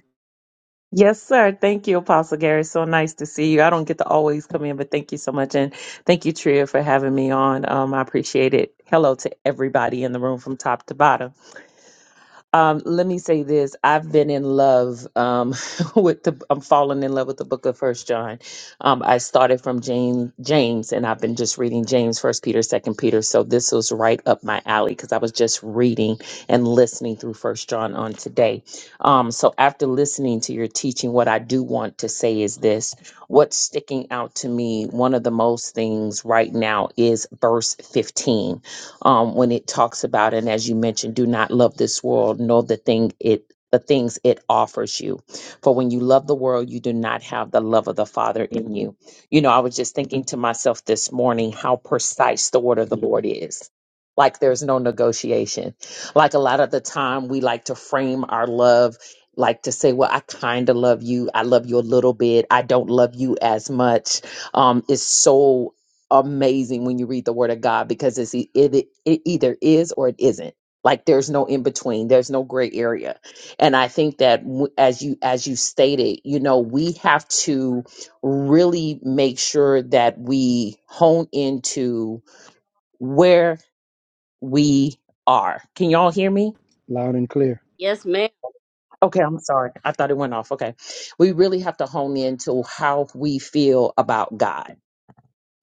Speaker 5: Yes, sir. Thank you, Apostle Gary. So nice to see you. I don't get to always come in, but thank you so much. And thank you, Tria, for having me on. Um, I appreciate it. Hello to everybody in the room from top to bottom. Um, let me say this. I've been in love um, with the. I'm falling in love with the Book of First John. Um, I started from James, James, and I've been just reading James, First Peter, Second Peter. So this was right up my alley because I was just reading and listening through First John on today. Um, so after listening to your teaching, what I do want to say is this: what's sticking out to me, one of the most things right now is verse 15 um, when it talks about and as you mentioned do not love this world nor the thing it the things it offers you for when you love the world you do not have the love of the father in you you know i was just thinking to myself this morning how precise the word of the lord is like there's no negotiation like a lot of the time we like to frame our love like to say well i kind of love you i love you a little bit i don't love you as much um, is so amazing when you read the word of God because it's e- it, it, it either is or it isn't. Like there's no in between. There's no gray area. And I think that w- as you as you stated, you know, we have to really make sure that we hone into where we are. Can y'all hear me?
Speaker 3: Loud and clear.
Speaker 1: Yes, ma'am.
Speaker 5: Okay, I'm sorry. I thought it went off. Okay. We really have to hone into how we feel about God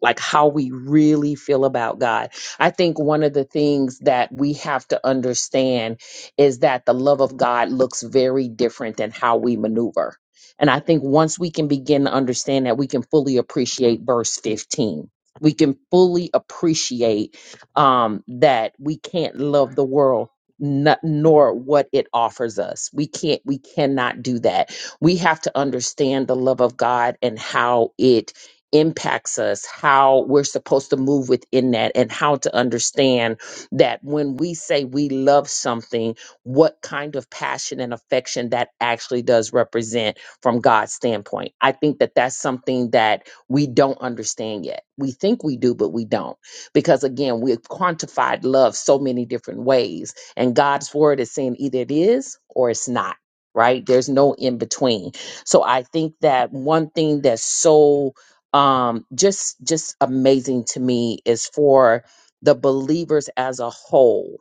Speaker 5: like how we really feel about God. I think one of the things that we have to understand is that the love of God looks very different than how we maneuver. And I think once we can begin to understand that, we can fully appreciate verse 15. We can fully appreciate um, that we can't love the world. Not, nor what it offers us. We can't, we cannot do that. We have to understand the love of God and how it impacts us, how we're supposed to move within that, and how to understand that when we say we love something, what kind of passion and affection that actually does represent from God's standpoint. I think that that's something that we don't understand yet. We think we do, but we don't. Because again, we've quantified love so many different ways, and God's word is saying either it is or it's not. Right? There's no in between. So I think that one thing that's so um just just amazing to me is for the believers as a whole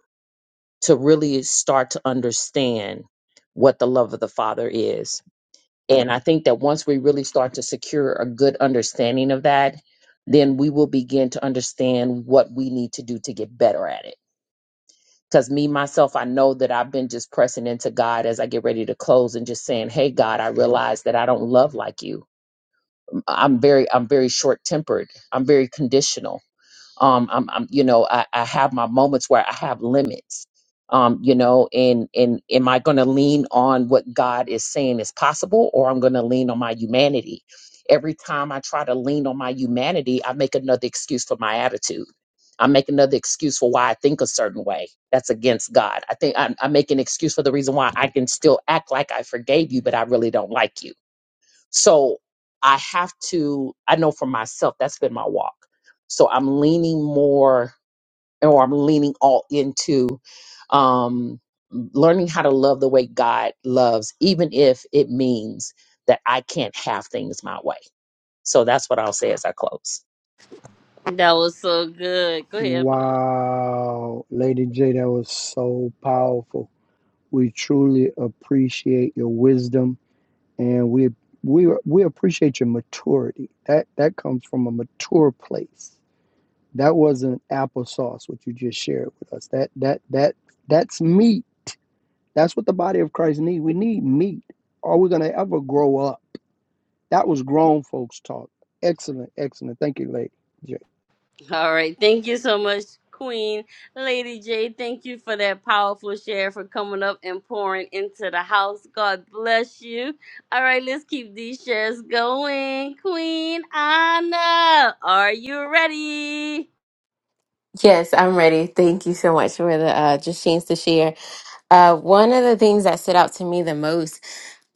Speaker 5: to really start to understand what the love of the father is and i think that once we really start to secure a good understanding of that then we will begin to understand what we need to do to get better at it because me myself i know that i've been just pressing into god as i get ready to close and just saying hey god i realize that i don't love like you i'm very i'm very short tempered i'm very conditional um i'm, I'm you know I, I have my moments where i have limits um you know and and am i going to lean on what god is saying is possible or i'm going to lean on my humanity every time i try to lean on my humanity i make another excuse for my attitude I make another excuse for why I think a certain way. That's against God. I think I, I make an excuse for the reason why I can still act like I forgave you, but I really don't like you so I have to, I know for myself, that's been my walk. So I'm leaning more, or I'm leaning all into um, learning how to love the way God loves, even if it means that I can't have things my way. So that's what I'll say as I close.
Speaker 1: That was so good. Go ahead.
Speaker 3: Wow, Lady J, that was so powerful. We truly appreciate your wisdom, and we we we appreciate your maturity. That that comes from a mature place. That wasn't applesauce what you just shared with us. That that that that's meat. That's what the body of Christ need. We need meat. Are we gonna ever grow up? That was grown folks talk. Excellent, excellent. Thank you, Lady J.
Speaker 1: All right. Thank you so much, Queen Lady J. Thank you for that powerful share for coming up and pouring into the house. God bless you. All right, let's keep these shares going. Queen Anna, are you ready?
Speaker 6: Yes, I'm ready. Thank you so much for the uh, just chance to share. Uh, one of the things that stood out to me the most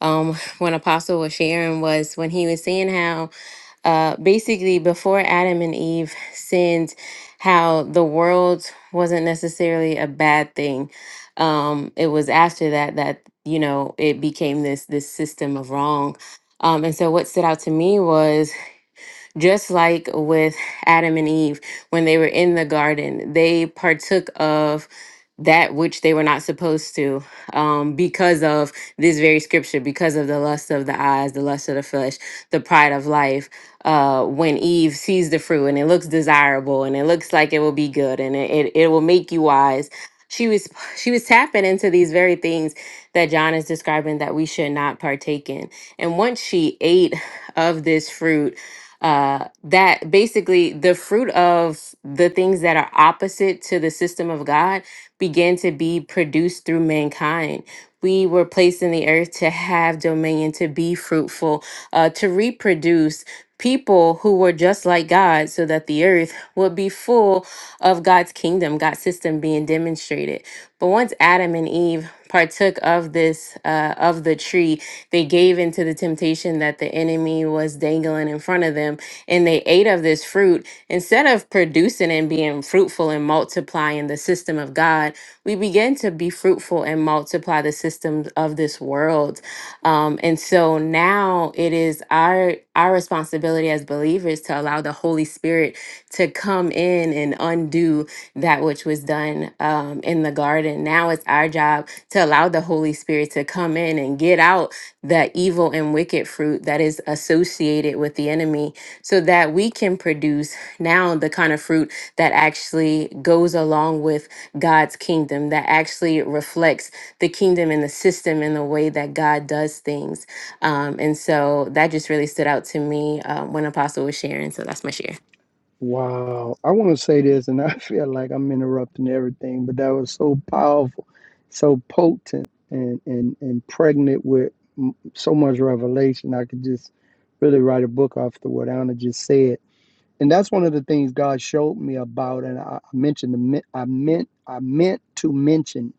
Speaker 6: um, when Apostle was sharing was when he was saying how uh, basically before Adam and Eve sinned, how the world wasn't necessarily a bad thing. Um, it was after that that you know it became this this system of wrong. Um, and so what stood out to me was just like with Adam and Eve, when they were in the garden, they partook of that which they were not supposed to um, because of this very scripture, because of the lust of the eyes, the lust of the flesh, the pride of life. Uh, when Eve sees the fruit and it looks desirable and it looks like it will be good and it, it, it will make you wise. She was she was tapping into these very things that John is describing that we should not partake in. And once she ate of this fruit, uh, that basically the fruit of the things that are opposite to the system of God began to be produced through mankind. We were placed in the earth to have dominion, to be fruitful, uh, to reproduce people who were just like God so that the earth would be full of God's kingdom, God's system being demonstrated. But once Adam and Eve partook of this, uh, of the tree, they gave into the temptation that the enemy was dangling in front of them, and they ate of this fruit. Instead of producing and being fruitful and multiplying the system of God, we begin to be fruitful and multiply the systems of this world. Um, and so now it is our our responsibility as believers to allow the Holy Spirit to come in and undo that which was done um, in the garden. Now it's our job to allow the Holy Spirit to come in and get out that evil and wicked fruit that is associated with the enemy so that we can produce now the kind of fruit that actually goes along with God's kingdom, that actually reflects the kingdom and the system and the way that God does things. Um, and so that just really stood out to me uh, when Apostle was sharing. So that's my share.
Speaker 3: Wow. I want to say this, and I feel like I'm interrupting everything, but that was so powerful, so potent, and, and, and pregnant with m- so much revelation. I could just really write a book after what Anna just said. And that's one of the things God showed me about, and I I mentioned, the, men- I meant, I meant to mention.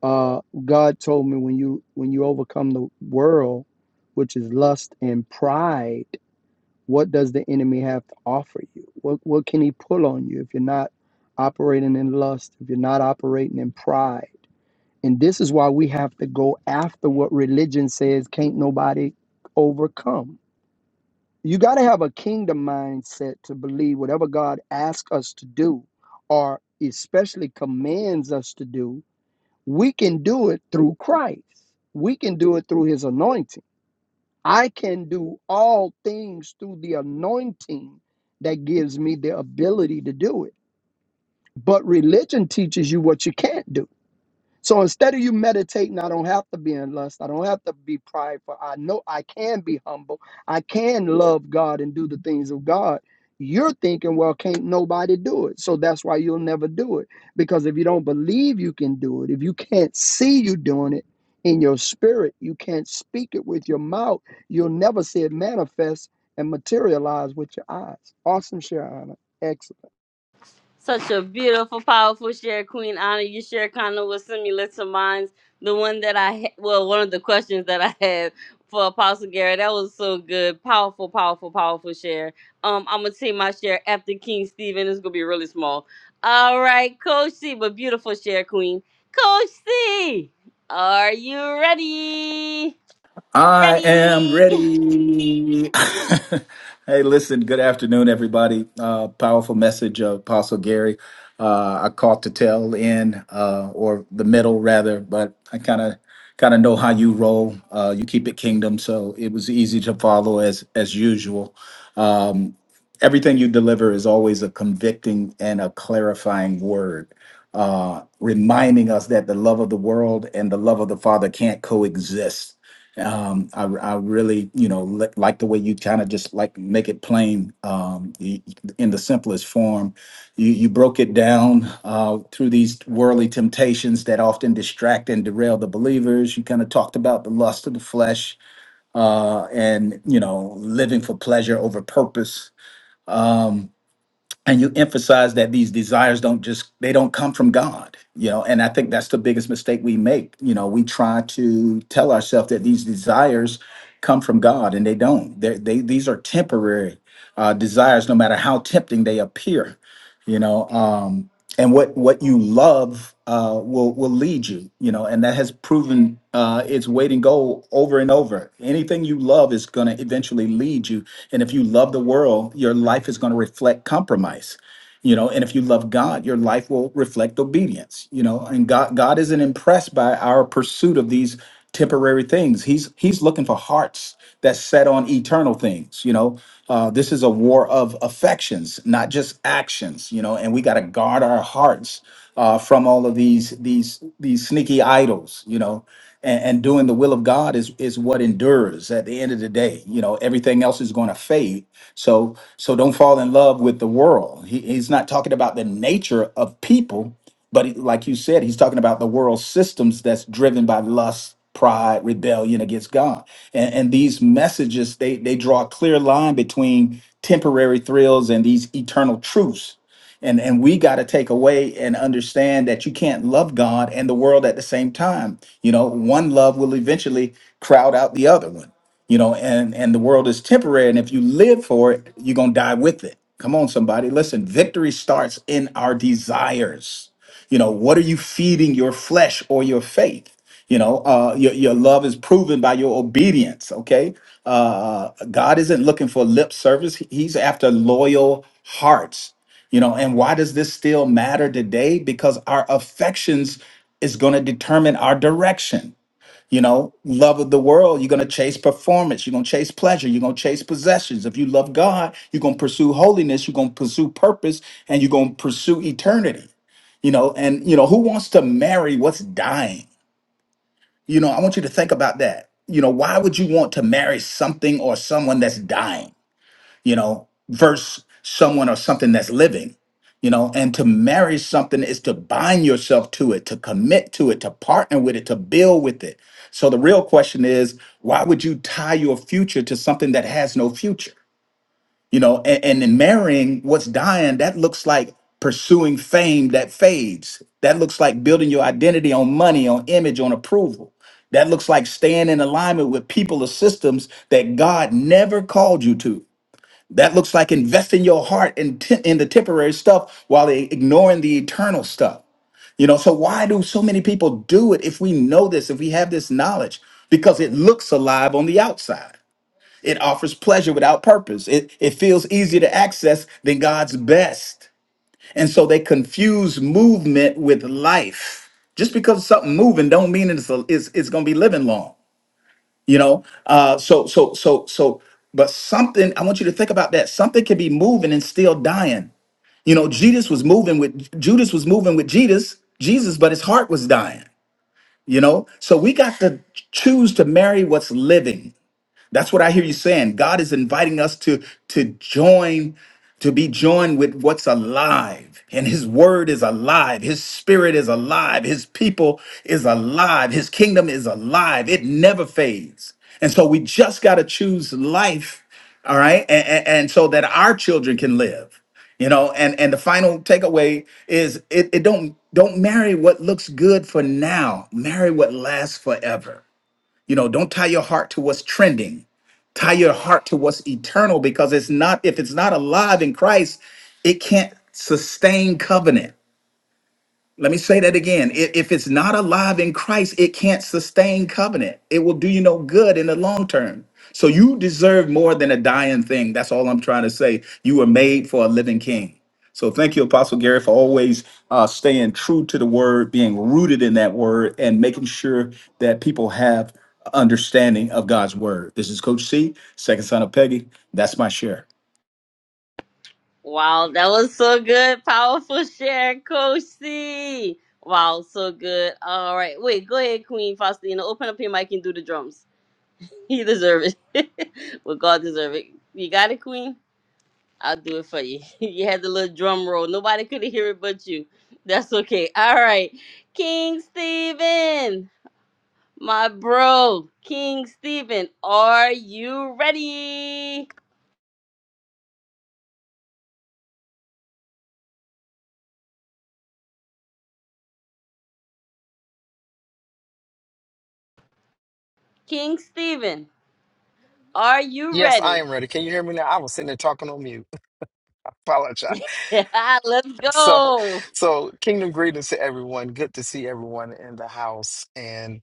Speaker 3: Uh, God told me when you when you overcome the world, which is lust and pride. What does the enemy have to offer you? What what can he pull on you if you're not operating in lust, if you're not operating in pride? And this is why we have to go after what religion says can't nobody overcome. You got to have a kingdom mindset to believe whatever God asks us to do or especially commands us to do, we can do it through Christ. We can do it through his anointing I can do all things through the anointing that gives me the ability to do it. But religion teaches you what you can't do. So instead of you meditating, I don't have to be in lust. I don't have to be prideful. I know I can be humble. I can love God and do the things of God. You're thinking, well, can't nobody do it? So that's why you'll never do it. Because if you don't believe you can do it, if you can't see you doing it in your spirit, you can't speak it with your mouth, you'll never see it manifest and materialize with your eyes. Awesome, Sharon. Excellent.
Speaker 1: Such a beautiful, powerful share, Queen Anna. You share kind of was similar to mine. The one that I ha- well, one of the questions that I had for Apostle Gary, that was so good. Powerful, powerful, powerful share. Um, I'm gonna take my share after King Stephen. It's gonna be really small. All right, Coach C, but beautiful share, Queen. Coach C, are you ready?
Speaker 7: I am
Speaker 1: Ready?
Speaker 7: ready. hey, listen, good afternoon, everybody. Uh, powerful message of Apostle Gary. Uh, I caught the tail end, uh, or the middle rather, but I kind of kind of know how you roll. Uh, you keep it kingdom, so it was easy to follow as as usual. Um, everything you deliver is always a convicting and a clarifying word, uh, reminding us that the love of the world and the love of the Father can't coexist um i i really you know li- like the way you kind of just like make it plain um y- in the simplest form you you broke it down uh through these worldly temptations that often distract and derail the believers you kind of talked about the lust of the flesh uh and you know living for pleasure over purpose Um, and you emphasize that these desires don't just they don't come from god you know and i think that's the biggest mistake we make you know we try to tell ourselves that these desires come from god and they don't they they these are temporary uh, desires no matter how tempting they appear you know um, and what what you love uh, will will lead you you know and that has proven uh, its weight in gold over and over anything you love is going to eventually lead you and if you love the world your life is going to reflect compromise you know and if you love god your life will reflect obedience you know and god god isn't impressed by our pursuit of these temporary things he's he's looking for hearts that set on eternal things you know uh, this is a war of affections not just actions you know and we got to guard our hearts uh, from all of these these these sneaky idols you know and, and doing the will of God is is what endures at the end of the day. You know, everything else is going to fade. So so don't fall in love with the world. He, he's not talking about the nature of people, but he- like you said, he's talking about the world systems that's driven by lust, pride, rebellion against God. And, and these messages they they draw a clear line between temporary thrills and these eternal truths and and we got to take away and understand that you can't love God and the world at the same time. You know, one love will eventually crowd out the other one. You know, and and the world is temporary, and if you live for it, you're gonna die with it. Come on, somebody, listen. Victory starts in our desires. You know, what are you feeding your flesh or your faith? You know, uh, your, your love is proven by your obedience, okay? Uh, God isn't looking for lip service, He's after loyal hearts you know, and why does this still matter today? Because our affections is going to determine our direction. You know, love of the world, you're going to chase performance, you're going to chase pleasure, you're going to chase possessions. If you love God, you're going to pursue holiness, you're going to pursue purpose, and you're going to pursue eternity. You know, and you know, who wants to marry what's dying? You know, I want you to think about that. You know, why would you want to marry something or someone that's dying? you know, versus someone or something that's living, you know, and to marry something is to bind yourself to it, to commit to it, to partner with it, to build with it. So the real question is, why would you tie your future to something that has no future? You know, and, and in marrying what's dying, that looks like pursuing fame that fades. That looks like building your identity on money, on image, on approval. That looks like staying in alignment with people or systems that God never called you to. That looks like investing your heart in, te- in the temporary stuff while they ignoring the eternal stuff. You know, so why do so many people do it if we know this, if we have this knowledge? Because it looks alive on the outside. It offers pleasure without purpose. It, it feels easier to access than God's best. And so they confuse movement with life. Just because something moving don't mean it's, it's, it's going to be living long you know uh so so so so but something i want you to think about that something can be moving and still dying you know jesus was moving with judas was moving with jesus jesus but his heart was dying you know so we got to choose to marry what's living that's what I hear you saying. God is inviting us to to join to be joined with what's alive. And his word is alive. His spirit is alive. His people is alive. His kingdom is alive. It never fades. And so we just got to choose life, all right? And, and, and so that our children can live. You know, and and the final takeaway is it, it don't don't marry what looks good for now. Marry what lasts forever. You know, don't tie your heart to what's trending. Tie your heart to what's eternal because it's not if it's not alive in Christ, it can't sustain covenant. Let me say that again. I- If it's not alive in Christ, it can't sustain covenant. It will do you no good in the long term. So you deserve more than a dying thing. That's all I'm trying to say. You were made for a living king. So thank you, Apostle Gary, for always uh, staying true to the word, being rooted in that word, and making sure that people have understanding of God's word. This is Coach C, second son of Peggy. That's my share.
Speaker 1: Wow, that was so good. Powerful share, Coach C. Wow, so good. All right. Wait, go ahead, Queen Faustina. Open up your mic and do the drums. He deserve it. well, God deserve it. You got it, Queen? I'll do it for you. You had the little drum roll. Nobody could hear it but you. That's okay. All right. King Stephen, my bro. King Stephen, are you ready? King Stephen, are you
Speaker 8: Yes,
Speaker 1: ready?
Speaker 8: I am ready. Can you hear me now? I was sitting there talking on mute. Apologize.
Speaker 1: Yeah, let's go.
Speaker 8: So,
Speaker 1: All
Speaker 8: so kingdom greetings to everyone. Good to see everyone in the house. And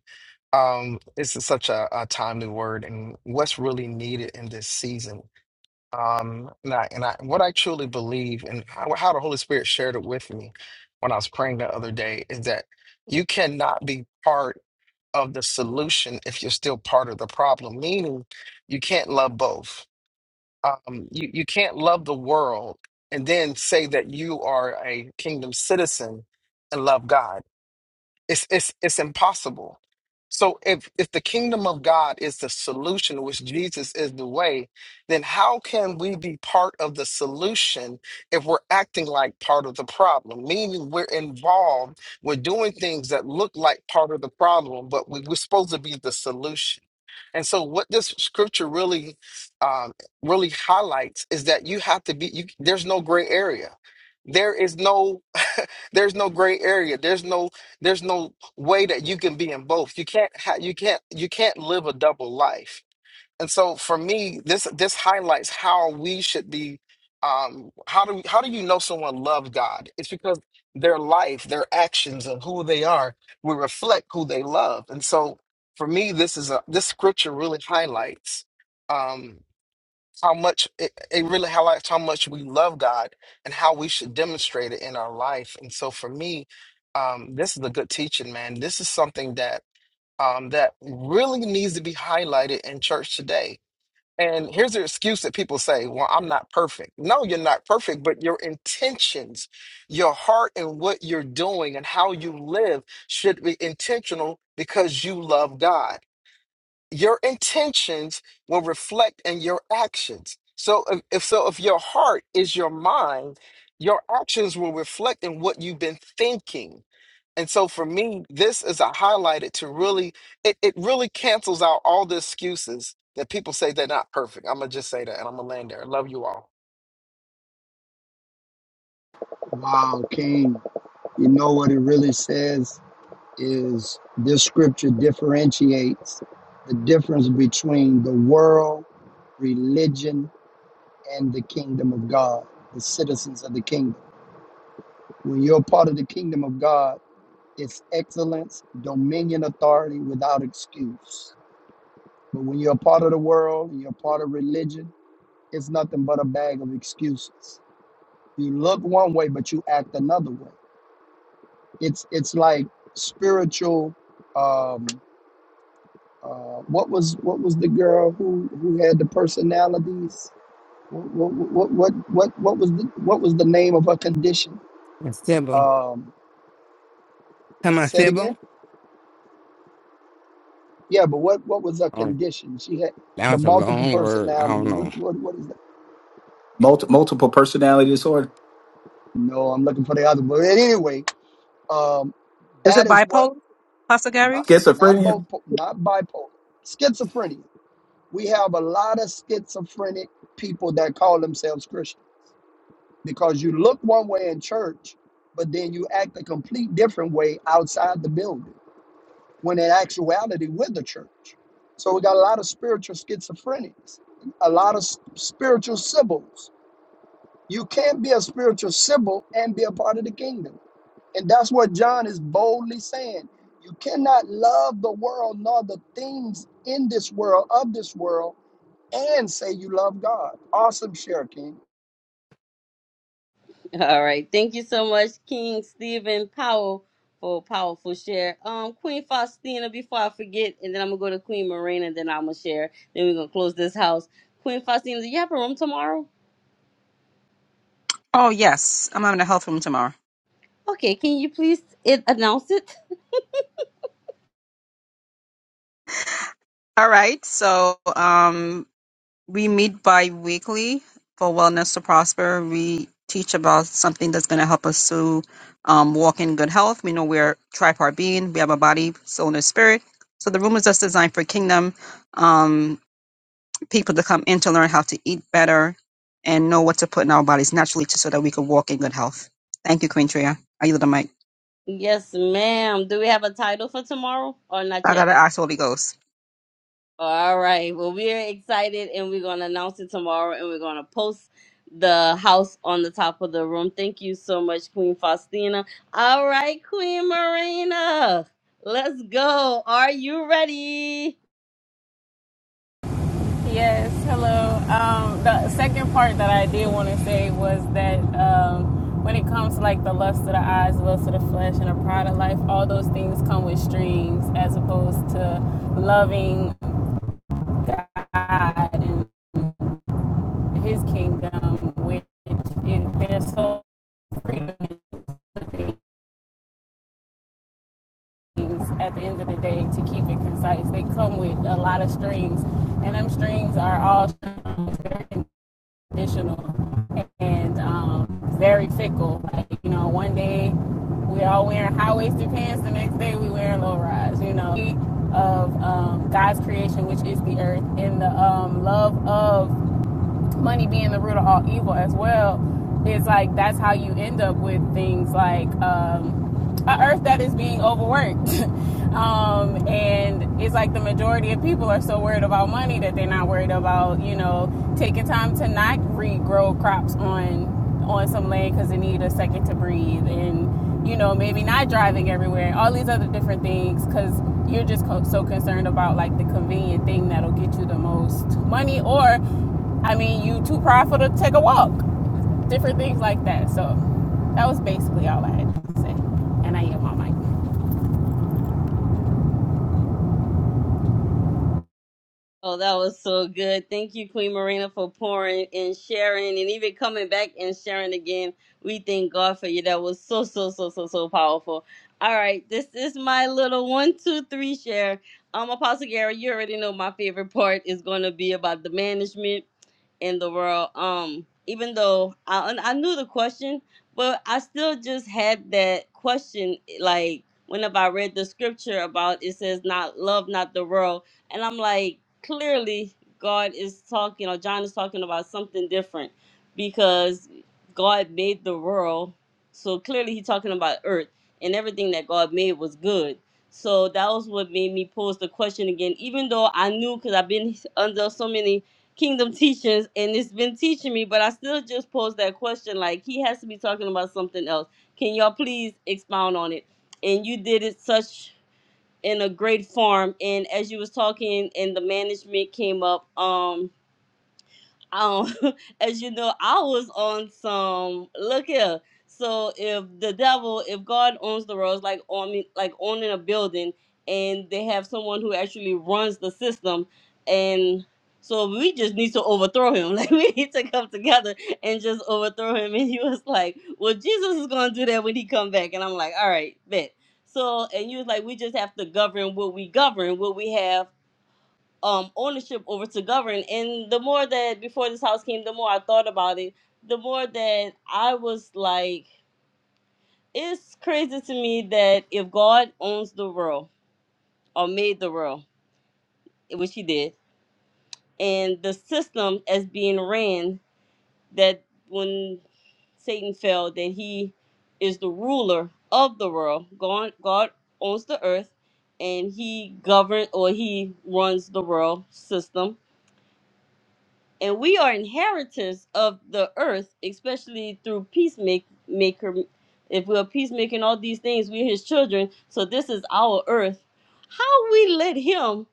Speaker 8: um, this is such a, a timely word, and what's really needed in this season. Um, and I, and I, what I truly believe, and how, how the Holy Spirit shared it with me when I was praying the other day, is that you cannot be part of the solution if you're still part of the problem. Meaning, you can't love both um, you, you can't love the world and then say that you are a kingdom citizen and love God. It's it's it's impossible. So if if the kingdom of God is the solution, which Jesus is the way, then how can we be part of the solution if we're acting like part of the problem? Meaning we're involved, we're doing things that look like part of the problem, but we, we're supposed to be the solution. And so, what this scripture really, um, really highlights is that you have to be. You, there's no gray area. There is no, there's no gray area. There's no, there's no way that you can be in both. You can't. Ha- you can't. You can't live a double life. And so for me, this this highlights how we should be. Um, how do how do you know someone loves God? It's because their life, their actions, and who they are will reflect who they love. And so for me, this is a this scripture really highlights um, how much it, it really highlights how much we love God and how we should demonstrate it in our life. And so for me, um, this is a good teaching, man. This is something that um, that really needs to be highlighted in church today and here's the excuse that people say, well, I'm not perfect. No, you're not perfect, but your intentions, your heart, and what you're doing and how you live should be intentional because you love God. Your intentions will reflect in your actions. So if, if so, if your heart is your mind, your actions will reflect in what you've been thinking. And so for me, this is a highlighted to really it, it really cancels out all the excuses that people say they're not perfect. I'm gonna just say that and I'm gonna land there. I love you all.
Speaker 3: Wow, King. You know what it really says? is this scripture differentiates the difference between the world, religion, and the kingdom of God, the citizens of the kingdom. When you're part of the kingdom of God, it's excellence, dominion, authority without excuse. But when you're a part of the world and you're part of religion, it's nothing but a bag of excuses. You look one way, but you act another way. It's it's like spiritual. Um, Uh, what was what was the girl who who had the personalities? What what what what what was the, what was the name of her condition?
Speaker 9: Sybil.
Speaker 3: Um,
Speaker 9: Come on,
Speaker 3: say it again.
Speaker 9: Sybil.
Speaker 3: Yeah, but what what was her
Speaker 9: Oh,
Speaker 3: condition? She had
Speaker 9: that
Speaker 3: the
Speaker 9: was a
Speaker 3: multiple
Speaker 9: long word. I don't
Speaker 3: personality.
Speaker 9: know.
Speaker 3: What what what is that?
Speaker 7: Multi- multiple personality disorder,
Speaker 3: No, I'm looking for the other. But anyway, um,
Speaker 2: Is it
Speaker 3: that is what
Speaker 2: bipolar, Pastor
Speaker 3: not
Speaker 2: Gary?
Speaker 3: not
Speaker 7: schizophrenia.
Speaker 3: bipo- not bipolar schizophrenia. We have a lot of schizophrenic people that call themselves Christians because you look one way in church, but then you act a complete different way outside the building when in actuality with the church. So we got a lot of spiritual schizophrenics, a lot of s- spiritual symbols. You can't be a spiritual symbol and be a part of the kingdom. And that's what John is boldly saying. You cannot love the world nor the things in this world, of this world, and say you love God. Awesome share, King.
Speaker 1: right. Thank you so much, King Stephen Powell, for a powerful share. Um, Queen Faustina, before I forget, and then I'm gonna go to Queen Marina, then I'm gonna share. Then we're gonna close this house. Queen Faustina, do you have a room tomorrow?
Speaker 2: Oh yes, I'm having a health room tomorrow.
Speaker 1: Okay, can you please it, announce it?
Speaker 2: All right, so um, We meet bi-weekly for Wellness to Prosper. We teach about something that's going to help us to um, walk in good health. We know we're tripart being. We have a body, soul, and a spirit. So the room is just designed for kingdom um, people to come in to learn how to eat better and know what to put in our bodies naturally to, so that we can walk in good health. Thank you, Queen Tria. I yield the mic.
Speaker 1: Yes, ma'am. Do we have a title for tomorrow or not
Speaker 2: I got
Speaker 1: yet?
Speaker 2: to ask Holy Ghost.
Speaker 1: All right. Well, we are excited and we're going to announce it tomorrow and we're going to post the house on the top of the room. Thank you so much, Queen Faustina. All right, Queen Marina. Let's go. Are you ready?
Speaker 4: Yes, hello. Um, the second part that I did want to say was that um, when it comes to like the lust of the eyes, the lust of the flesh, and the pride of life, all those things come with strings, as opposed to loving God and His kingdom, which is, there's so freedom in living things at the end of the day to keep it concise. They come with a lot of strings, and them strings are all conditional and um, very fickle. Like, you know, one day we're all wearing high-waisted pants, the next day we wearing low-rise. You know, of um, God's creation, which is the earth, and the um, love of money being the root of all evil as well is like that's how you end up with things like um, a earth that is being overworked um, and it's like the majority of people are so worried about money that they're not worried about you know taking time to not regrow crops on on some land because they need a second to breathe and you know maybe not driving everywhere all these other different things because you're just co- so concerned about like the convenient thing that'll get you the most money or I mean, you too prideful to take a walk. Different things like that. So that was basically all I had to say. And I yield my mic.
Speaker 1: Oh, that was so good. Thank you, Queen Marina, for pouring and sharing and even coming back and sharing again. We thank God for you. That was so, so, so, so, so powerful. All right. This is my little one, two, three share. Um, Apostle Gary, you already know my favorite part is going to be about the management in the world. Um, even though I, I knew the question, but I still just had that question. Like, whenever I read the scripture about it says, not love, not the world. And I'm like, clearly God is talking or John is talking about something different because God made the world. So clearly he's talking about earth and everything that God made was good. So that was what made me pose the question again, even though I knew because I've been under so many kingdom teachings and it's been teaching me, but I still just posed that question like he has to be talking about something else. Can y'all please expound on it? And you did it such in a great farm and as you was talking and the management came up um um, as you know, I was on some look here. So if the devil, if God owns the roads, like on me, like owning a building, and they have someone who actually runs the system, and so we just need to overthrow him. Like we need to come together and just overthrow him. And he was like, "Well, Jesus is gonna do that when he come back." And I'm like, "All right, bet." So and you was like, "We just have to govern what we govern, what we have." um ownership over to govern and the more that before this house came the more i thought about it the more that i was like it's crazy to me that if god owns the world or made the world which he did and the system as being ran that when satan fell that he is the ruler of the world god god owns the earth and he governs or he runs the world system and we are inheritors of the earth, especially through peacemaker. If we're peacemaking all these things, we're his children. So this is our earth. How we let him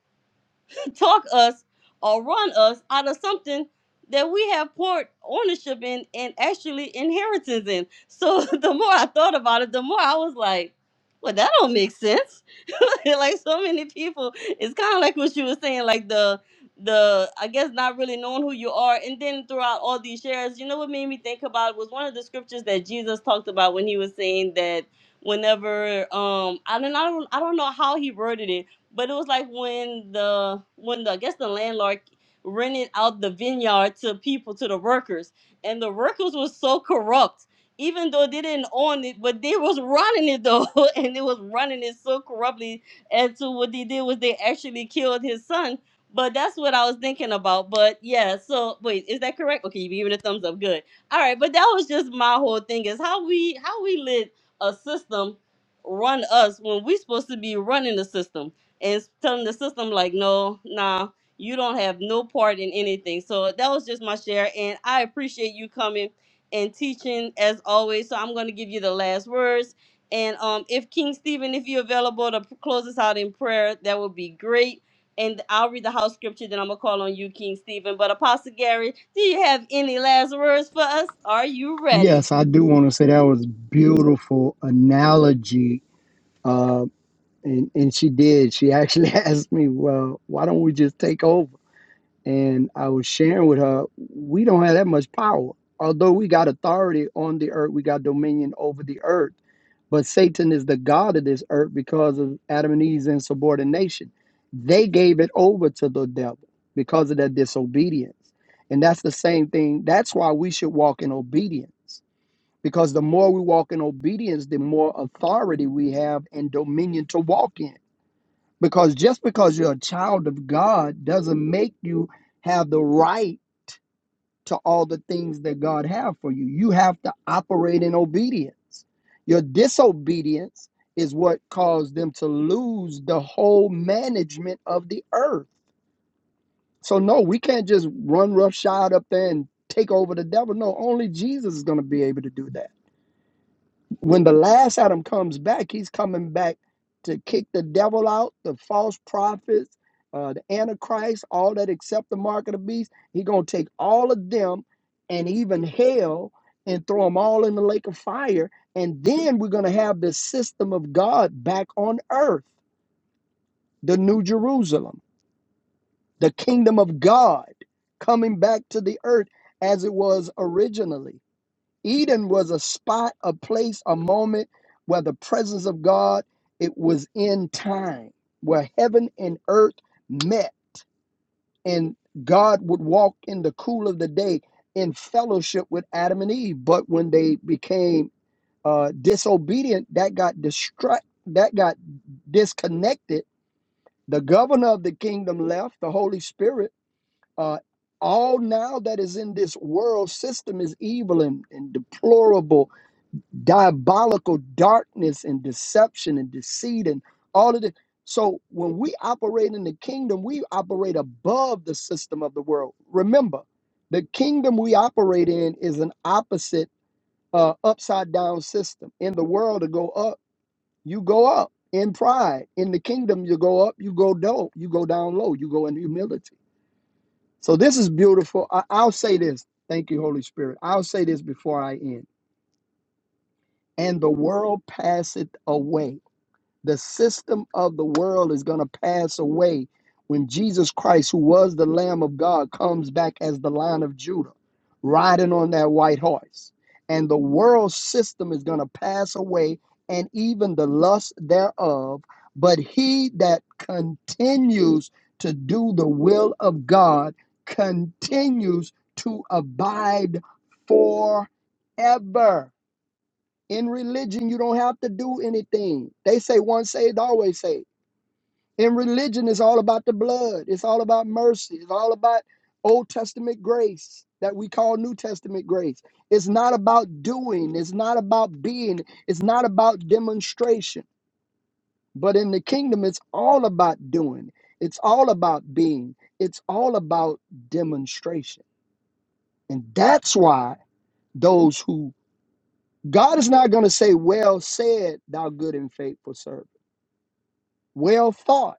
Speaker 1: talk us or run us out of something that we have poured ownership in and actually inheritance in. So the more I thought about it, the more I was like, well, that don't make sense like so many people. It's kind of like what you were saying, like the the I guess not really knowing who you are. And then throughout all these shares, you know what made me think about was one of the scriptures that Jesus talked about when he was saying that whenever um I don't I don't I don't know how he worded it, but it was like when the when the I guess the landlord rented out the vineyard to people to the workers and the workers was so corrupt even though they didn't own it, but they was running it though, and they was running it so corruptly and so what they did was they actually killed his son. But that's what I was thinking about. But yeah, so wait, is that correct? Okay, you giving a thumbs up. Good. All right, but that was just my whole thing is how we how we let a system run us when we supposed to be running the system and telling the system like, no, nah, you don't have no part in anything. So that was just my share, and I appreciate you coming and teaching as always. So I'm going to give you the last words and um, if King Stephen, if you're available to close us out in prayer, that would be great. And I'll read the house scripture, then I'm going to call on you, King Stephen. But Apostle Gary, do you have any last words for us? Are you ready?
Speaker 3: Yes, I do want to say that was beautiful analogy. Uh, and, and she did. She actually asked me, well, why don't we just take over? And I was sharing with her, we don't have that much power. Although we got authority on the earth, we got dominion over the earth. But Satan is the God of this earth because of Adam and Eve's insubordination. They gave it over to the devil because of their disobedience. And that's the same thing. That's why we should walk in obedience because the more we walk in obedience, the more authority we have and dominion to walk in. Because just because you're a child of God doesn't make you have the right to all the things that God have for you. You have to operate in obedience. Your disobedience is what caused them to lose the whole management of the earth. So no, we can't just run roughshod up there and take over the devil. No, only Jesus is going to be able to do that. when the last Adam comes back, he's coming back to kick the devil out, the false prophets, uh, the antichrist, all that except the mark of the beast. He's gonna take all of them and even hell and throw them all in the lake of fire. And then we're gonna have the system of God back on earth, the new Jerusalem, the kingdom of God coming back to the earth as it was originally Eden was a spot, a place, a moment where the presence of God, it was in time, where heaven and earth met, and God would walk in the cool of the day in fellowship with Adam and Eve. But when they became uh, disobedient, that got distract, that got disconnected. The governor of the kingdom left, the Holy Spirit. Uh, all now that is in this world system is evil and, and deplorable diabolical darkness and deception and deceit and all of this. So when we operate in the kingdom, we operate above the system of the world. Remember, the kingdom we operate in is an opposite, uh, upside down system. In the world, to go up, you go up in pride. In the kingdom, you go up, you go down, you go down low, you go in humility. So this is beautiful. I- I'll say this. Thank you, Holy Spirit. I'll say this before I end. And the world passeth away The system of the world is going to pass away when Jesus Christ, who was the Lamb of God, comes back as the Lion of Judah, riding on that white horse. And the world system is going to pass away and even the lust thereof. But he that continues to do the will of God continues to abide forever. In religion, you don't have to do anything. They say once saved, always saved. In religion, it's all about the blood. It's all about mercy. It's all about Old Testament grace that we call New Testament grace. It's not about doing. It's not about being. It's not about demonstration. But in the kingdom, it's all about doing. It's all about being. It's all about demonstration. And that's why those who God is not going to say, Well said, thou good and faithful servant. well thought,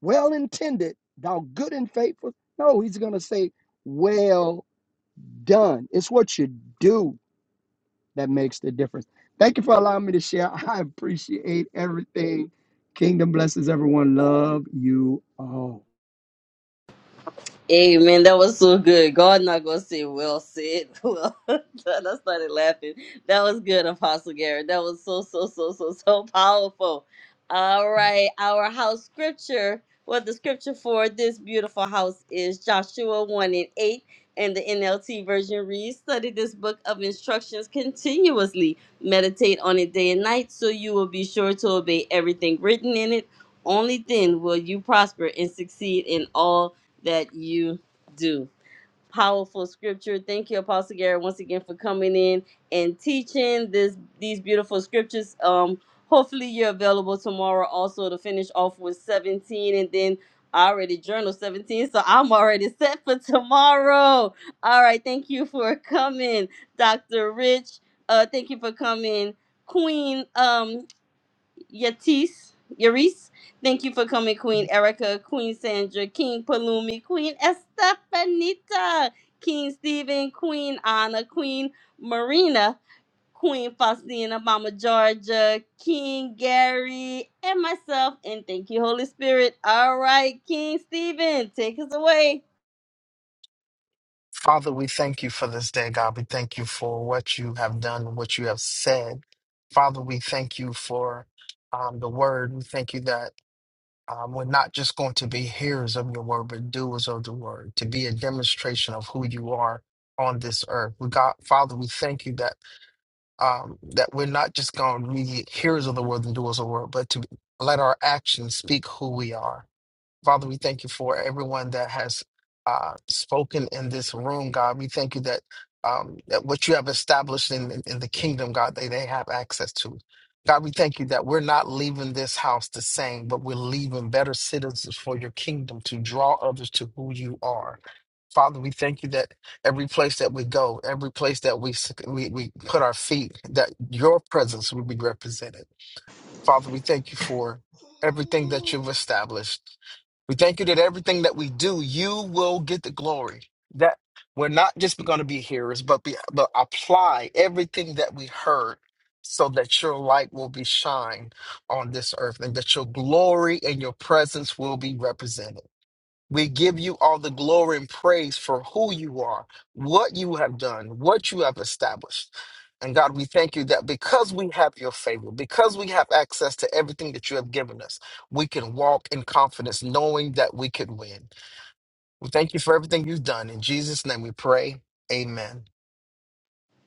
Speaker 3: well intended, thou good and faithful. No, he's going to say, well done. It's what you do that makes the difference. Thank you for allowing me to share. I appreciate everything. Kingdom blesses everyone. Love you all.
Speaker 1: Hey man, that was so good. God not gonna say well said. Well, done." I started laughing. That was good, Apostle Garrett. That was so so so so so powerful. All right, our house scripture. Well, the scripture for this beautiful house is Joshua one and eight, and the NLT version reads: Study this book of instructions continuously, meditate on it day and night, so you will be sure to obey everything written in it. Only then will you prosper and succeed in all that you do. Powerful scripture. Thank you, Apostle Gary, once again for coming in and teaching this these beautiful scriptures. Um, hopefully you're available tomorrow also to finish off with 17 and then I already journal 17, so I'm already set for tomorrow. All right, thank you for coming, Dr. Rich. Uh, thank you for coming, Queen. Um, Yatis, Yaris. Thank you for coming, Queen Erica, Queen Sandra, King Palumi, Queen Estefanita, King Stephen, Queen Anna, Queen Marina, Queen Faustina, Mama Georgia, King Gary, and myself. And thank you, Holy Spirit. All right, King Stephen, take us away.
Speaker 8: Father, we thank you for this day, God. We thank you for what you have done and what you have said. Father, we thank you for um, the word. We thank you that um, we're not just going to be hearers of your word, but doers of the word, to be a demonstration of who you are on this earth. We got, Father, we thank you that um, that we're not just going to be hearers of the word and doers of the word, but to let our actions speak who we are. Father, we thank you for everyone that has uh, spoken in this room, God. We thank you that, um, that what you have established in, in, in the kingdom, God, they, they have access to. God, we thank you that we're not leaving this house the same, but we're leaving better citizens for your kingdom to draw others to who you are. Father, we thank you that every place that we go, every place that we s- we, we put our feet, that your presence will be represented. Father, we thank you for everything that you've
Speaker 10: Ooh.
Speaker 8: established. We thank you that everything that we do, you will get the glory. That we're not just going to be hearers, but be but apply everything that we heard so that your light will be shined on this earth and that your glory and your presence will be represented. We give you all the glory and praise for who you are, what you have done, what you have established. And God, we thank you that because we have your favor, because we have access to everything that you have given us, we can walk in confidence knowing that we could win. We thank you for everything you've done. In Jesus' name we pray. Amen.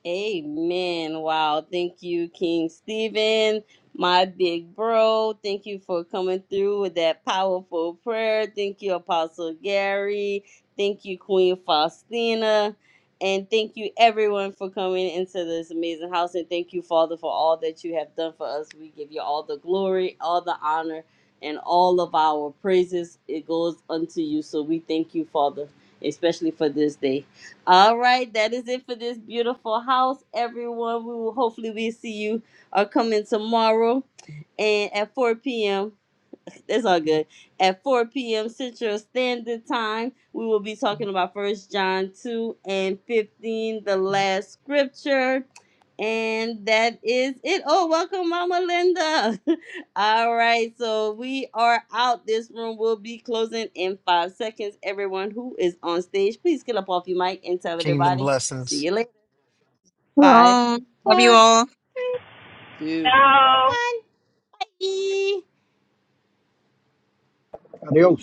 Speaker 1: Amen. Wow. Thank you, King Stephen, my big bro. Thank you for coming through with that powerful prayer. Thank you, Apostle Gary. Thank you, Queen Faustina. And thank you, everyone, for coming into this amazing house. And thank you, Father, for all that you have done for us. We give you all the glory, all the honor, and all of our praises. It goes unto you. So we thank you, Father, especially for this day. All right, that is it for this beautiful house, everyone. We will hopefully we see you are coming tomorrow and at 4 p.m. It's all good. At 4 p.m. Central Standard Time, we will be talking about First John 2 and 15, the last scripture. And that is it. Oh, welcome, Mama Linda. all right, so we are out. This room will be closing in five seconds. Everyone who is on stage, please get up off your mic and tell
Speaker 8: Kingdom
Speaker 1: everybody. See
Speaker 8: blessings.
Speaker 1: you later. Five,
Speaker 2: Um, love you
Speaker 1: four,
Speaker 2: all.
Speaker 1: three, two, one. Bye.
Speaker 3: Adios.